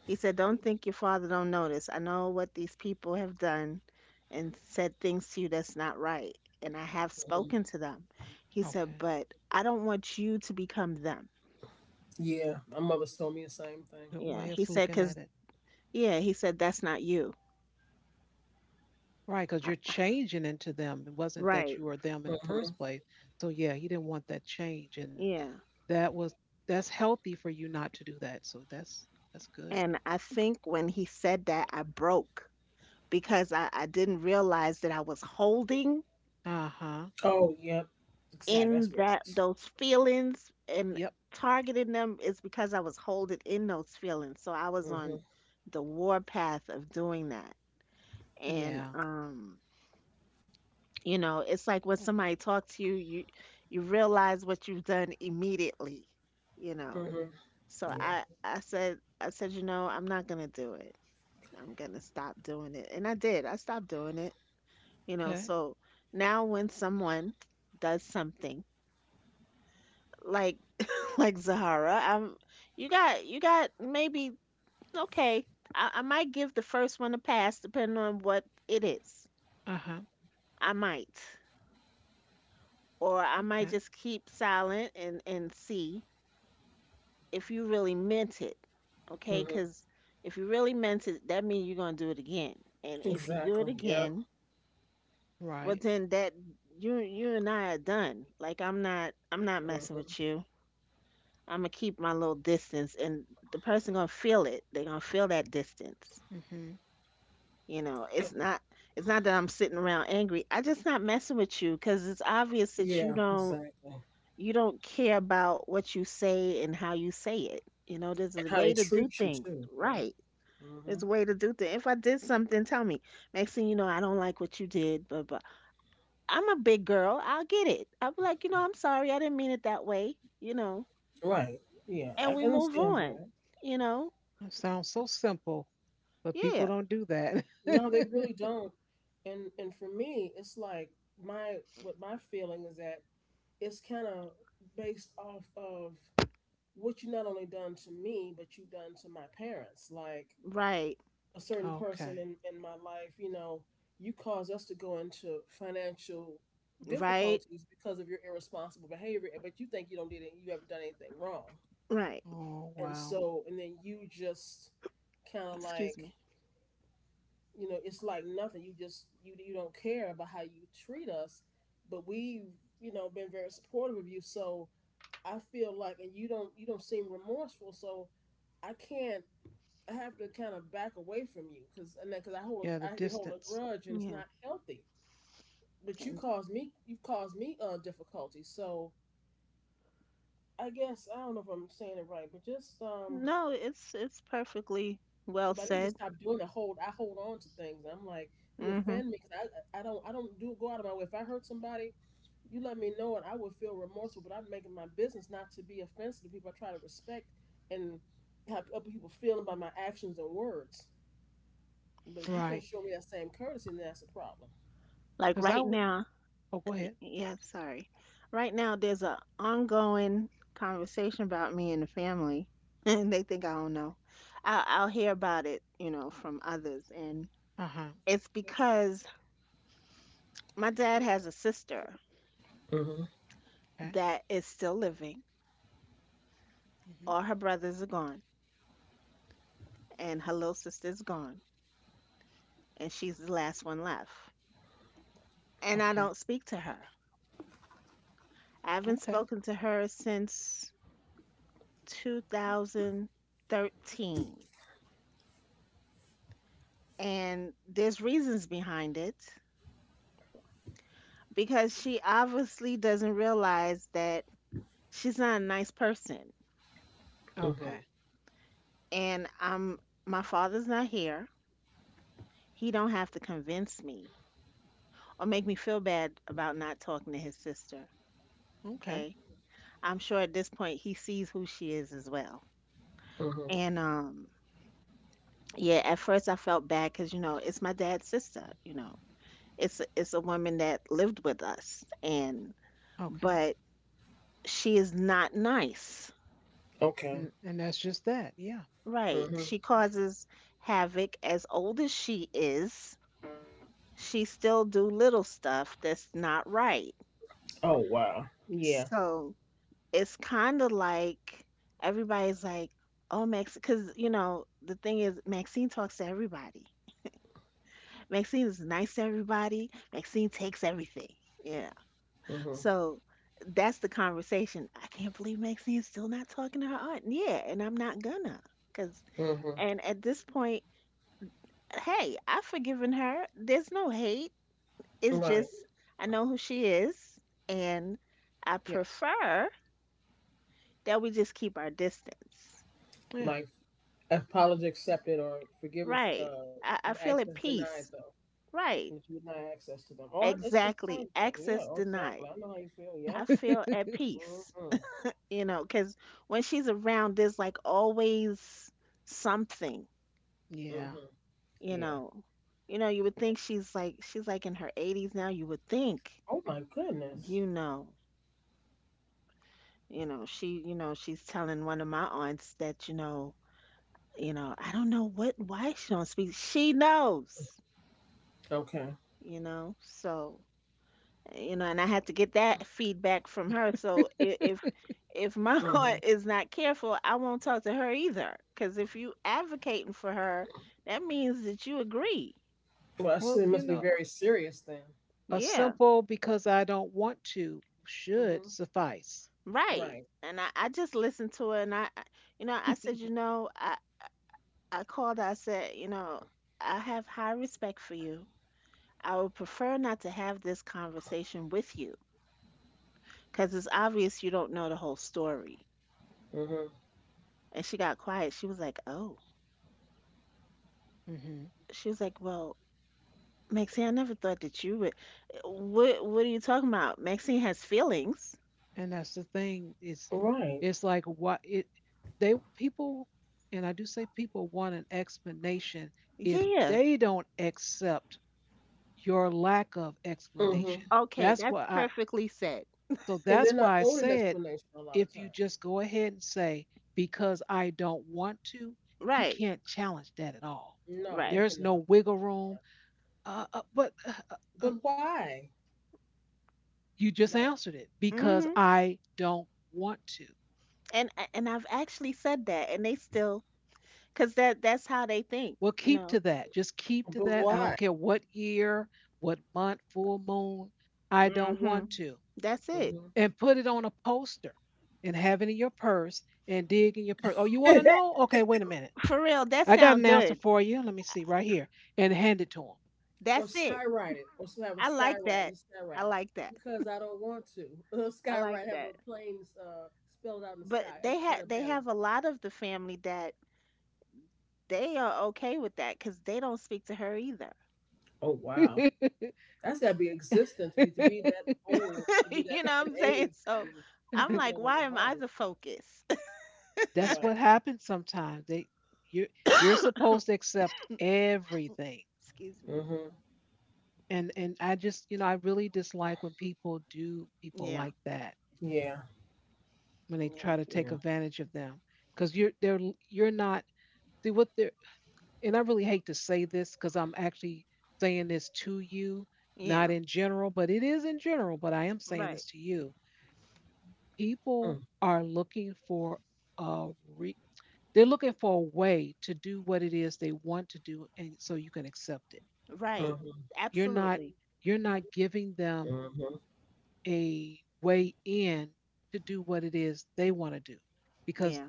He said, Don't think your father don't notice. I know what these people have done and said things to you that's not right. And I have Mhm. spoken to them. He said, Okay. But I don't want you to become them. Yeah, my mother's told me the same thing. Good Yeah. way He of said, looking Because, at it. yeah, he said, That's not you. Right, because you're I, changing into them. It wasn't that right. you were them in the Hmm. first place. So yeah, you didn't want that change. And Yeah. that was that's healthy for you not to do that. So that's good. And I think when he said that, I broke because I didn't realize that I was holding Uh-huh. Oh, yep. Exactly. That's in where it that is. those feelings and Yep. targeting them is because I was holding in those feelings. So I was Mm-hmm. on the war path of doing that. And Yeah. You know, it's like when somebody talks to you, you realize what you've done immediately, you know. Mm-hmm. So Yeah. I said, I'm not gonna do it. I'm gonna stop doing it. And I did. I stopped doing it. You know, Okay. so now when someone does something like like Zahara. I'm you got maybe okay. I might give the first one a pass depending on what it is. Uh-huh. I might. Or I might Okay. just keep silent and see if you really meant it. Okay? Mm-hmm. Cuz if you really meant it, that means you're going to do it again. And if you do it Exactly. Yep. again, well Right. then that you and I are done. Like I'm not messing Mm-hmm. with you. I'm gonna keep my little distance, and the person gonna feel it. They're gonna feel that distance. Mm-hmm. You know, it's not that I'm sitting around angry. I just not messing with you because it's obvious that you Yeah, don't exactly. you don't care about what you say and how you say it. You know, there's And a how they way to treat do you things too. Yeah. right. Hmm. There's a way to do things. If I did something, tell me. Next thing you know, I don't like what you did, but I'm a big girl. I'll get it. I'll be like, you know, I'm sorry. I didn't mean it that way. You know, Right. Yeah, and I we can move understand on. that. You know. It sounds so simple, but people Yeah, don't do that. No, they really don't. And for me, it's like my what my feeling is that it's kind of based off of what you not only done to me, but you done to my parents. Like right, a certain person Okay. in my life, you caused us to go into financial right, difficulties because of your irresponsible behavior, but you think you don't did it, you haven't done anything wrong. right. Oh, and wow. so and then you just kind of Excuse like me. It's like nothing, you just you you don't care about how you treat us, but we've been very supportive of you, so I feel like and you don't seem remorseful, so I can't I have to kind of back away from you, because and because Yeah, the I be holding a distance. grudge, and it's Yeah. not healthy, but And you've caused me difficulty, so I guess I don't know if I'm saying it right, but just. no, it's perfectly well But I need to said. stop doing the hold. I hold on to things. I'm like, you Mhm. offend me because I don't do go out of my way. If I hurt somebody, you let me know it. I would feel remorseful, but I'm making my business not to be offensive to people. I try to respect and have other people feeling by my actions and words. But if you Right. can't show me that same courtesy, then that's a problem. Like Because I right would. now, Oh, go ahead. yeah, sorry. Right now there's a ongoing conversation about me and the family, and they think I don't know. I'll hear about it, you know, from others, and Uh huh. it's because my dad has a sister Mhm. Okay. that is still living. Hmm. All her brothers are gone, and her little sister's gone, and she's the last one left. And I Okay. don't speak to her. I haven't Okay. spoken to her since 2013. And there's reasons behind it because she obviously doesn't realize that she's not a nice person. Mhm. Okay. And I'm my father's not here. He don't have to convince me or make me feel bad about not talking to his sister, Okay. okay? I'm sure at this point he sees who she is as well. Mhm. And Yeah, at first I felt bad because, you know, it's my dad's sister, you know. It's a woman that lived with us and Okay. but she is not nice. Okay. And that's just that. Yeah. Right. Mhm. She causes havoc as old as she is. She still do little stuff that's not right. Oh wow. Yeah. So it's kind of like everybody's like, "Oh, Max," because you know the thing is Maxine talks to everybody. Maxine is nice to everybody. Maxine takes everything. Yeah, Mhm. so that's the conversation. I can't believe Maxine's still not talking to her aunt. Yeah, and I'm not gonna. Cause Mhm. and at this point, hey, I've forgiven her. There's no hate. It's Right. just I know who she is, and I Yes. prefer that we just keep our distance. Yeah. Like, apology accepted, or forgiveness Right. I feel access at denied peace. though. Right. If you deny access to them. Oh, it's the same Exactly. thing. Yeah, Access oh, denied. exactly. I know how you feel. Yep. I feel at peace. Mm-hmm. You know, because when she's around, there's like always something Yeah. Mm-hmm. you Yeah. know, you know, you would Yeah. think she's like in her 80s now. You would think, Oh my goodness. you know, you know, she, you know, she's telling one of my aunts that, you know, I don't know what why she don't speak. She knows, Okay. you know. So, you know, and I had to get that feedback from her. So if my Mm-hmm. aunt is not careful, I won't talk to her either. Because if you advocating for her, that means that you agree. Well, I see Well, it you must be know, very serious then. a Yeah. simple "because I don't want to" should Mm-hmm. suffice. Right. Right. And I just listened to it and you know, I called, I said, you know, I have high respect for you. I would prefer not to have this conversation with you because it's obvious you don't know the whole story. Mm-hmm. And she got quiet. She was like, oh, Hmm. she was like, well, Maxine, I never thought that you would. What are you talking about? Maxine has feelings. And that's the thing, Right. it's like what it they, people, and I do say people want an explanation. If Yeah. they don't accept your lack of explanation, Mm-hmm. Okay. that's That's what i perfectly said. And they're that's not why I owed an said, explanation a lot of if you times. just go ahead and say "because I don't want to," you Right. can't challenge that at all. No, you Right. There's no cannot. wiggle room. But uh, But why, you just man? answered it: "because Hmm. I don't want to." And I've actually said that and they still cause that that's how they think, Well, you keep to know. that. Just keep to But that. I don't why? care what year, what month, full moon. I don't Mhm. want to. That's it. Mm-hmm. And put it on a poster and have it in your purse, and dig in your purse. Oh, you want to know? Okay, wait a minute. For real, that I got an sound answer good. for you. Let me see right here. And hand it to Or That's it. skywrite it, or so have a I like skywrite, that. just I skywrite it, like that. because I don't want to. I like Skywrite, have that. a plane uh, spelled out in the sky But they on a had they banner. have a lot of the family that they are okay with that cuz they don't speak to her either. Oh them. wow, that's got to be existence to be that old, to be that You know up what in I'm saying? age, So and I'm people like, don't want why to be am I bothered. the focus? That's Right. what happens sometimes. They, you you're supposed to accept everything. Excuse me. Mm-hmm. And I just, you know, I really dislike when people do people Yeah. like that, Yeah. when they Yeah. try to take Yeah. advantage of them because you're they're you're not see what they're and I really hate to say this, because I'm actually saying this to you, not Yeah. in general, but it is in general, but I am saying Right. this to you. People Mm, are looking for a re- they're looking for a way to do what it is they want to do, and so you can accept it. Right. mhm, You're not Absolutely. Giving them mhm. a way in to do what it is they want to do, because Yeah.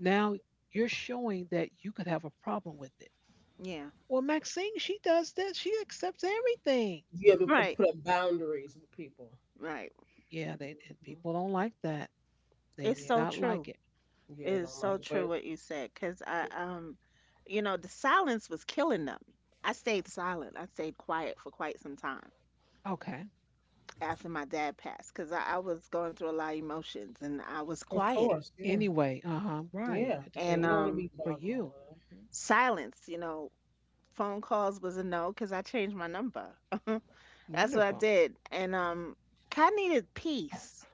now you're showing that you could have a problem with it. Yeah. "Well, Maxine, she does this. She accepts everything." You have to Right. put up boundaries with people. Right. Yeah, they, and Mhm. people don't like that. They It's do Yeah. so not like true. it. Yeah, It they is don't like so it, true but what you said, because you know, the silence was killing them. I stayed silent. I stayed quiet for quite some time Okay. after my dad passed, because I was going through a lot of emotions and I was of quiet. A- course, yeah, Anyway, uh huh. Right. yeah. To So deal And you with, don't want to be for bothered all you. that. Hmm. silence, you know, phone calls was a no because I changed my number. That's what I Wonderful. did. And I needed peace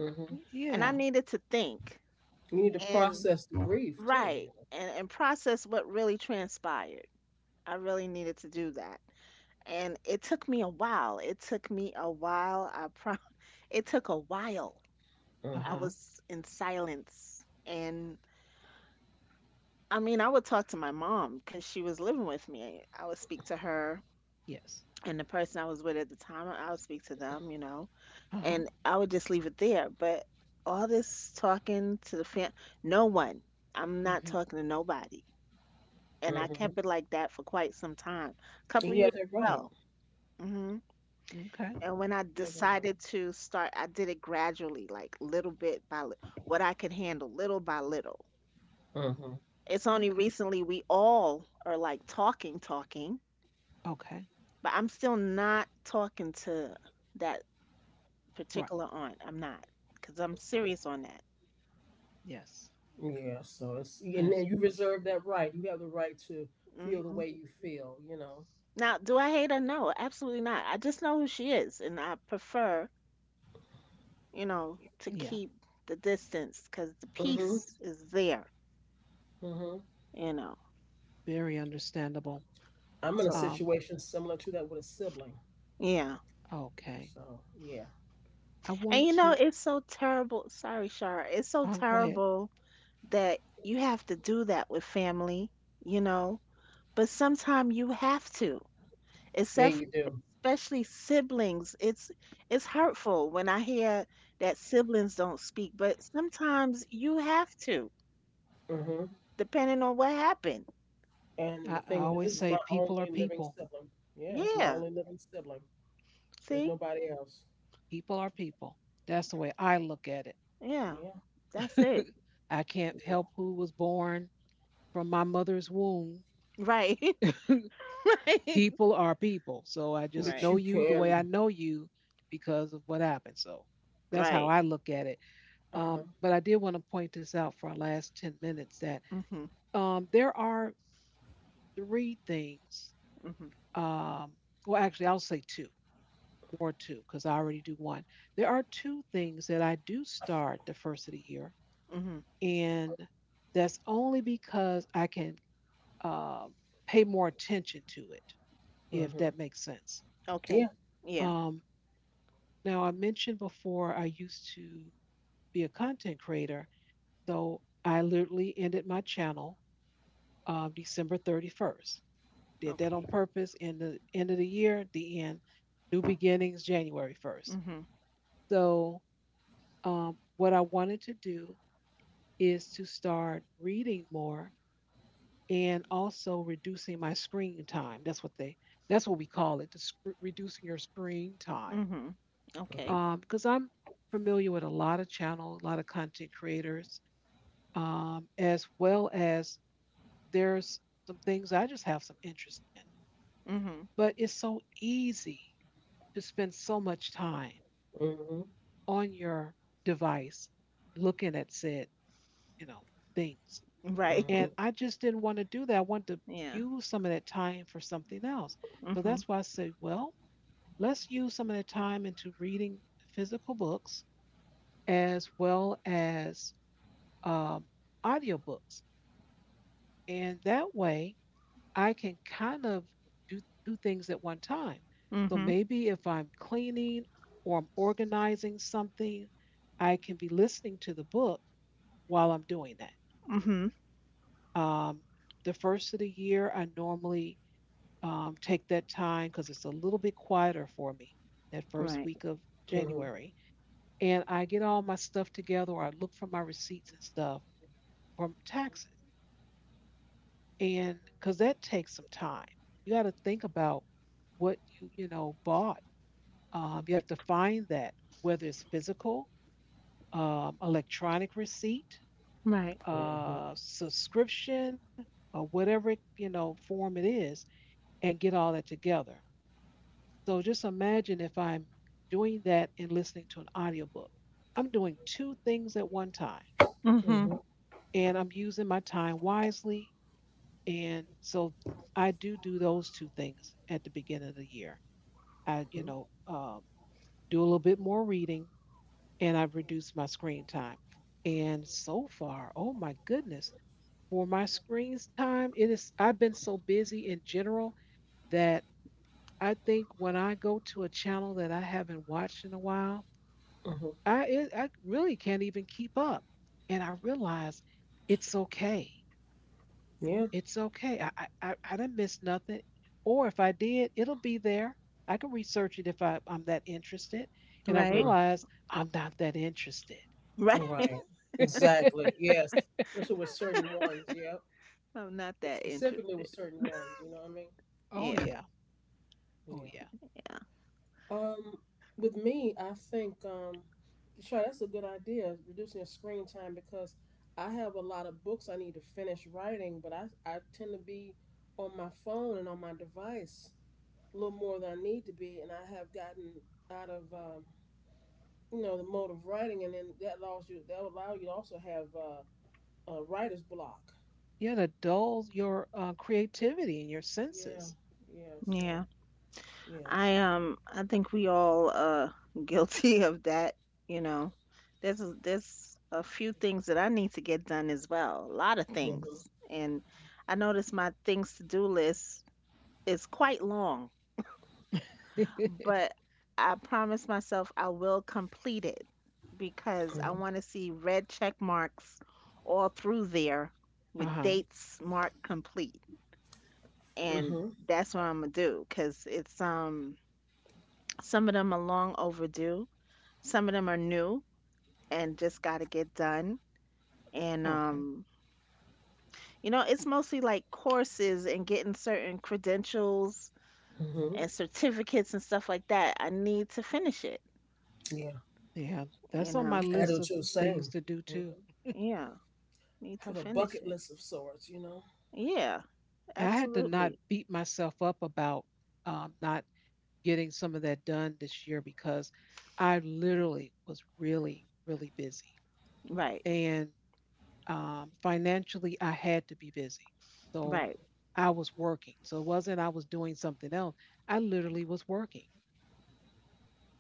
Mm-hmm. Y- and I Yeah. needed to think You need to and process the grief too. You right know. and process what really transpired. I really needed to do that. And it took me a while. It took me a while. It took a while. Uh I Mhm. huh. was in silence. And I mean, I would talk to my mom because she was living with me. I would speak to her Yes. and the person I was with at the time, I would speak to them, you know, Uh huh. and I would just leave it there. But all this talking to the fam, no one. I'm not Hmm. talking to nobody. And I kept Mhm. it like that for quite some time. Couple And you years have that right. ago. Okay. And when I You have that right. decided to start, I did it gradually, like little bit by what I could handle, little by little. Mhm. It's only Okay. recently we all are like talking, talking, Okay. but I'm still not talking to that Right. particular aunt. I'm not, because I'm serious on that. Yes. Yeah, so it's and There's, then you reserve that right. You have the right to feel the Hmm. way you feel. Now, do I hate her? No, absolutely not. I just know who she is, and I prefer, you know, to yeah. keep the distance because the Mhm. peace is there, Mhm. you know. Very understandable. I'm in a So, Um. situation similar to that with a sibling. yeah. Okay. So yeah. I And want you know, to. it's so terrible. Sorry, Shar. It's so Go ahead. terrible that you have to do that with family, you know, but sometimes you have to. Yeah, Except you do. especially siblings. It's hurtful when I hear that siblings don't speak, but sometimes you have to, Hmm. depending on what happened. And the I thing is this always is say my people are only living people. sibling. Yeah, it's my Yeah. only living sibling. There's See? nobody else. People are people. That's the way I look at Yeah. Yeah. That's it. it. I can't Yeah. help who was born from my mother's womb. Right. Right. People are people. So I just But Right. you know you the way I can know you because of what happened. So that's how Right. I look at it. uh-huh. But I did want to point this out for our last 10 minutes that Mhm. There are three things. Mhm. Um, well, actually, I'll say two, more two, because I already do one. There are two things that I do start the first of the year, Mhm. and that's only because I can uh, pay more attention to it, if Mhm. that makes sense. Yeah. Okay. Yeah. Um, Now, I mentioned before I used to be a content creator, so I literally ended my channel December 31st. Did that on Okay. purpose. In the end of the year, the end, new beginnings, January 1st. Mhm. So, what I wanted to do is to start reading more and also reducing my screen time. That's what they that's what we call it, the reducing your screen time. Mhm. Okay. Because I'm familiar with a lot of channels, a lot of content creators, as well as there's some things I just have some interest in. Mhm. But it's so easy to spend so much time Mhm. on your device looking at said, you know, things. Right. Mhm, And I just didn't want to do that. I wanted to Yeah. use some of that time for something else. So that's Mhm. why I said, well, let's use some of that time into reading physical books as well as um, audiobooks. And that way I can kind of do two things at one time. So Mhm. maybe if I'm cleaning or I'm organizing something, I can be listening to the book while I'm doing that. Mhm. Um, the first of the year, I normally take that time because it's a little bit quieter for me, that first Right. week of mhm, January. And I get all my stuff together, or I look for my receipts and stuff from taxes. And because that takes some time, you got to think about what you know, bought. You have to find that, whether it's physical, electronic receipt, Right. mhm, subscription, or whatever, you know, form it is, and get all that together. So just imagine if I'm doing that and listening to an audiobook. I'm doing two things at one time Mhm. mhm, and I'm using my time wisely. And so I do do those two things at the beginning of the year. I, mhm, you know, do a little bit more reading, and I've reduced my screen time. And so far, oh my goodness, for my screen time, it is, I've been so busy in general that I think when I go to a channel that I haven't watched in a while, mhm. I really can't even keep up. And I realized it's okay. Yeah. It's okay. I didn't miss nothing. Or if I did, it'll be there. I can research it if I'm that interested. And I Right. Mm. realized I'm not that interested. Right. Right. Exactly. Yes. Especially with certain ones. Yeah. I'm not that Specifically interested. with certain ones. You know what I mean? Oh Yeah. yeah. Oh Yeah. yeah. Yeah. Um, with me, I think sure, that's a good idea. Reducing your screen time because I have a lot of books I need to finish writing, but I tend to be on my phone and on my device a little more than I need to be, and I have gotten out of you know the mode of writing, and then that will allow you to also have a writer's block. Yeah, to dull your creativity and your Yeah, senses. yeah. So Yeah. yeah, so. I think we all guilty of that, you know. There's a few things that I need to get done as well. A lot of Mhm, things. And I notice my things to do list is quite long. But I promise myself I will complete it because I want to see red check marks all through there with Uh-huh. dates marked complete. mhm, And mhm, that's what I'm gonna do because it's some of them are long overdue, some of them are new and just gotta get done. And Okay. You know, it's mostly like courses and getting certain credentials mhm. and certificates and stuff like that. I need to finish it, Yeah, Yeah. you That's on my know. I do list of too. things Same. to do Mhm. too. Yeah. Need Have to a finish bucket it. list of sorts, you know. Yeah, And I had to not absolutely. beat myself up about not getting some of that done this year, because I literally was really, really busy. Right, And financially, I had to be busy. So right. I was working. So it wasn't I was doing something else. I literally was working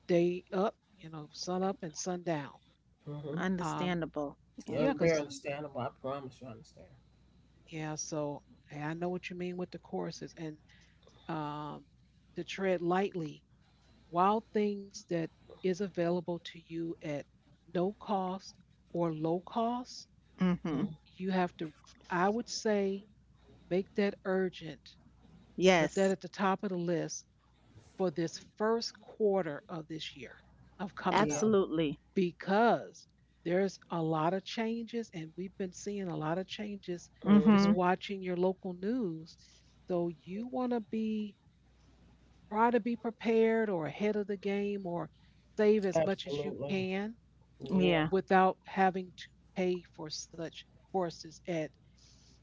day up, you know, sun up and sun down. Mm-hmm. Um, Understandable. Yeah. Yeah, yeah, I'm very because, understandable. I promise you, I understand. yeah, so hey, I know what you mean with the courses and um, to tread lightly. Wild Things that is available to you at no cost or low cost, Mm-hmm. Mhm. you have to, I would say, make that urgent, put that Yes, at the top of the list for this first quarter of this year of coming Yeah. up, absolutely. because there's a lot of changes, and we've been seeing a lot of changes just Mm-hmm. Hmm. watching your local news. So you want to be, try to be prepared or ahead of the game, or save as much as you Absolutely. can Yeah. Yeah, without having to pay for such courses at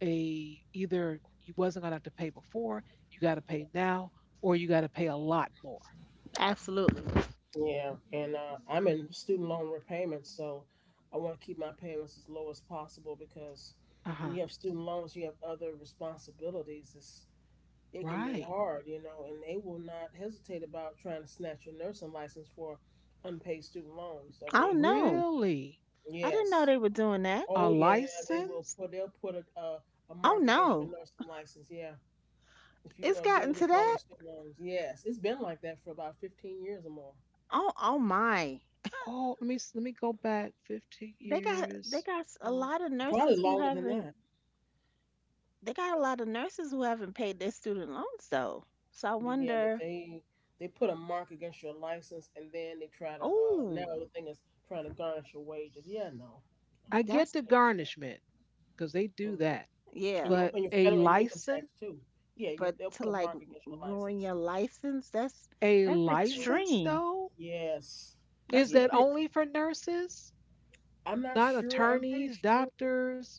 a, either you wasn't gonna have to pay before, you gotta pay now, or you gotta pay a lot more. absolutely. Yeah, and I'm in student loan repayments, so I want to keep my payments as low as possible because when you Uh-huh. have student loans, you have other responsibilities. It's, it can be Right. hard, you know, and they will not hesitate about trying to snatch your nursing license for unpaid student loans. Oh no, Really? I didn't Yes, know they were doing that. oh A yeah, they will license? put they'll put a Oh mark against your no, nursing license. Yeah, if you it's do gotten to default on that. student loans, yes, it's been like that for about 15 years or more, Oh, oh my. Oh, let me let me go back 15 They got years. A Um, lot of probably nurses who longer than haven't that. they got a lot of nurses who haven't paid their student loans though. So I But yeah, but wonder. they put a mark against your license, and then they try to now Oh, the thing is trying to garnish your wages. Yeah, no, no, I get that's the can't garnishment because they do do that. Hmm. that, yeah. But And your federal and your income tax too. Yeah, you But they'll to put a like mark against your ruin license. your license, a that's Mhm. license extreme. though, Yes, is That's a that bit. yes. only for nurses, I'm not not sure. I'm pretty attorneys, sure. doctors?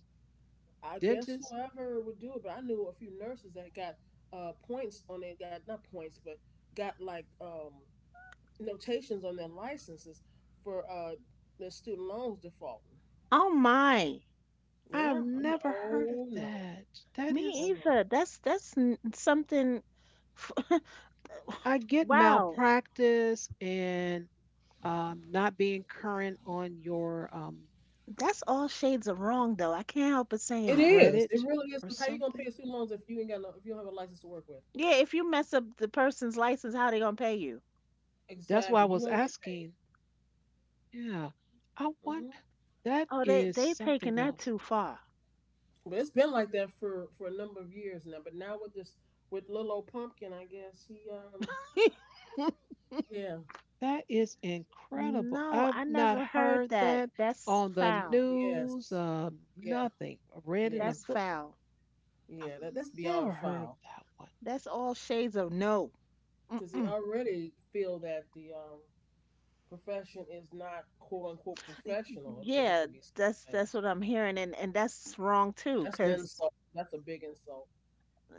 I guess Dentist? whoever would do it, but I knew a few nurses that got points on it. Got not points, but got like notations on their licenses for their student loans defaulting. Oh my, I've Yeah, I'm like, never heard of oh no, that. That me is, oh no. either. That's something. f- I get Wow, malpractice and not being current on your that's all shades of wrong though. I can't help but saying It that. is. credit It really or is. Cause how you gonna something. pay student loans if you ain't got no, if you don't have a license to work with? Yeah, if you mess up the person's license, how they gonna pay you? That's why I Exactly. You was won't get asking. Yeah, I paid. want, Hmm. that Oh, is they taking something that else. too far. But it's been like that for a number of years now. But now with this with little old pumpkin, I guess he yeah. That is incredible. No, I've I not never heard heard that. that That's on the Hmm. foul. Yes. news, Yeah, nothing. Read in a yeah, That's book. foul. I've yeah, that's never beyond heard of foul that one. That's all shades of no. because they already feel that the profession is not quote unquote professional. If there- It Yeah, could be certain that's things. what I'm hearing, and that's wrong too, That's an 'cause insult. That's a big insult.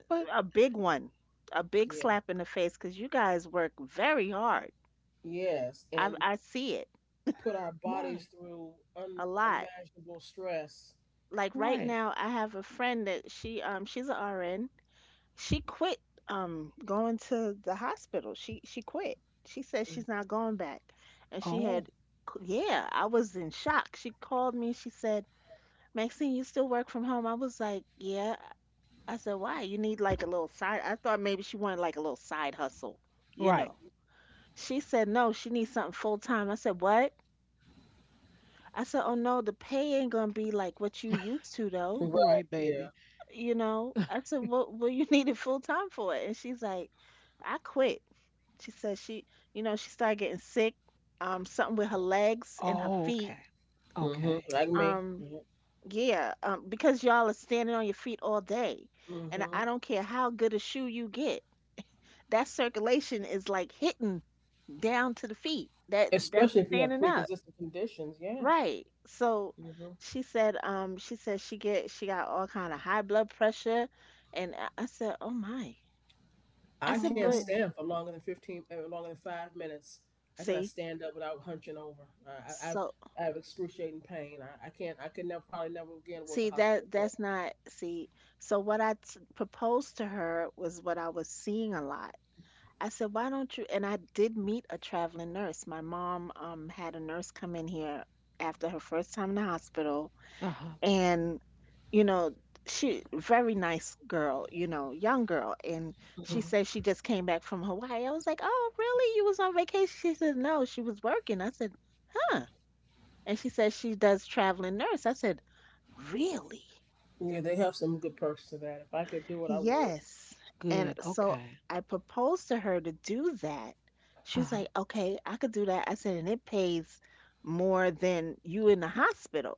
But a big one, a big Yeah. slap in the face, 'cause you guys work very hard. Yes. And I see it put our right, bodies through a lot. unimaginable stress. Like right right. now, I have a friend that she's a RN. She quit going to the hospital. She quit. She says she's not going back, and she Oh. had yeah, I was in shock. She called me. She said, "Maxine, you still work from home?" I was like, "Yeah." I said, why? You need like a little side. I thought maybe she wanted like a little side hustle, you Right. know. She said, no, she needs something full time. I said, what? I said, oh no, the pay ain't gonna be like what you used to though. Right. Right, baby. Yeah. You know, I said, what you needed full time for? And she's like, I quit. She said she, you know, she started getting sick, something with her legs and her Oh, feet. okay. Hmm. Okay. Like me. Um, yeah, because y'all are standing on your feet all day. And Mm-hmm. I don't care how good a shoe you get. That circulation is like hitting down to the feet. That that's Especially if you have standing up. pre-existing conditions. Yeah. Right. So Hmm. she said she said she got all kind of high blood pressure and I said, "Oh my." I I said, can't "But Oh. stand for longer than longer than 5 minutes. I cannot see, stand up without hunching over. I've so I have excruciating pain. I can't. I could never, probably never again work a see hospital. that that's not see. So what I proposed to her was what I was seeing a lot. I said, "Why don't you?" And I did meet a traveling nurse. My mom had a nurse come in here after her first time in the hospital Uh-huh. and you know she very nice girl you know young girl and Mm-hmm. she Uh-huh. said she just came back from Hawaii. I was like oh really you was on vacation. She said no, she was working. I said huh. And she said she does traveling nurse. I said really? Yeah, they have some good perks to that. If I could do it, I would. Yes. And Good. so Okay. I proposed to her to do that. She was Uh-huh. like okay I could do that. I said and it pays more than you in the hospital.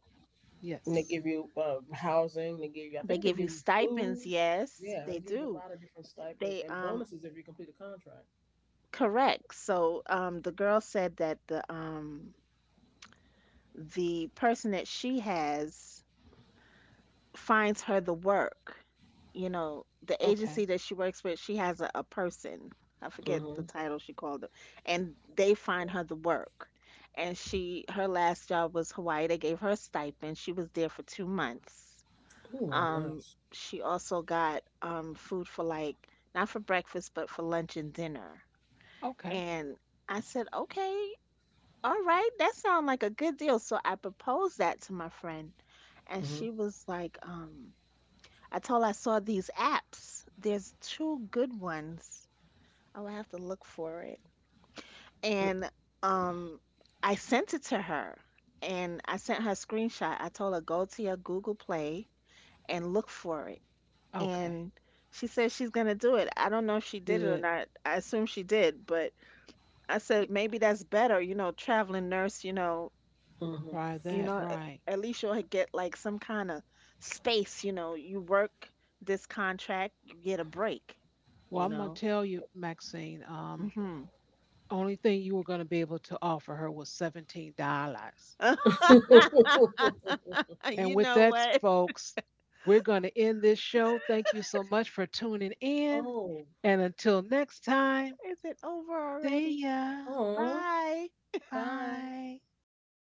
And they Yes. give you housing. They give you, I They think they give give you you food. stipends, yes Yeah, they they give you a do. lot of different stipends They and bonuses if you complete a contract. correct. So, the girl said that the person that she has finds her the work. You know, the agency Okay. that she works with, she has a person. I forget Mm-hmm. the title she called them, and they find her the work. And she, her last job was Hawaii. They gave her a stipend. She was there for 2 months. Oh, Um, nice. she also got food for like not for breakfast, but for lunch and dinner. Okay. And I said, okay, all right, that sounds like a good deal. So I proposed that to my friend, and Mm-hmm. she was like, I told her I saw these apps. There's two good ones. Oh, I have to look for it. And um, I sent it to her, and I sent her a screenshot. I told her go to your Google Play and look for it. Okay. And she said she's gonna do it. I don't know if she did it or Good. not. I assume she did, but I Yeah, said maybe that's better, you know, traveling nurse, try you that. know Right. at least you'll get like some kind of space you know you work this contract you get a break Well, you I'm gonna know tell you, Maxine, mhm only thing you were gonna be able to offer her was $17. Mm-hmm. And you with know that, folks, we're gonna end this show. Thank you so much for tuning in. And until next time, see ya. Bye.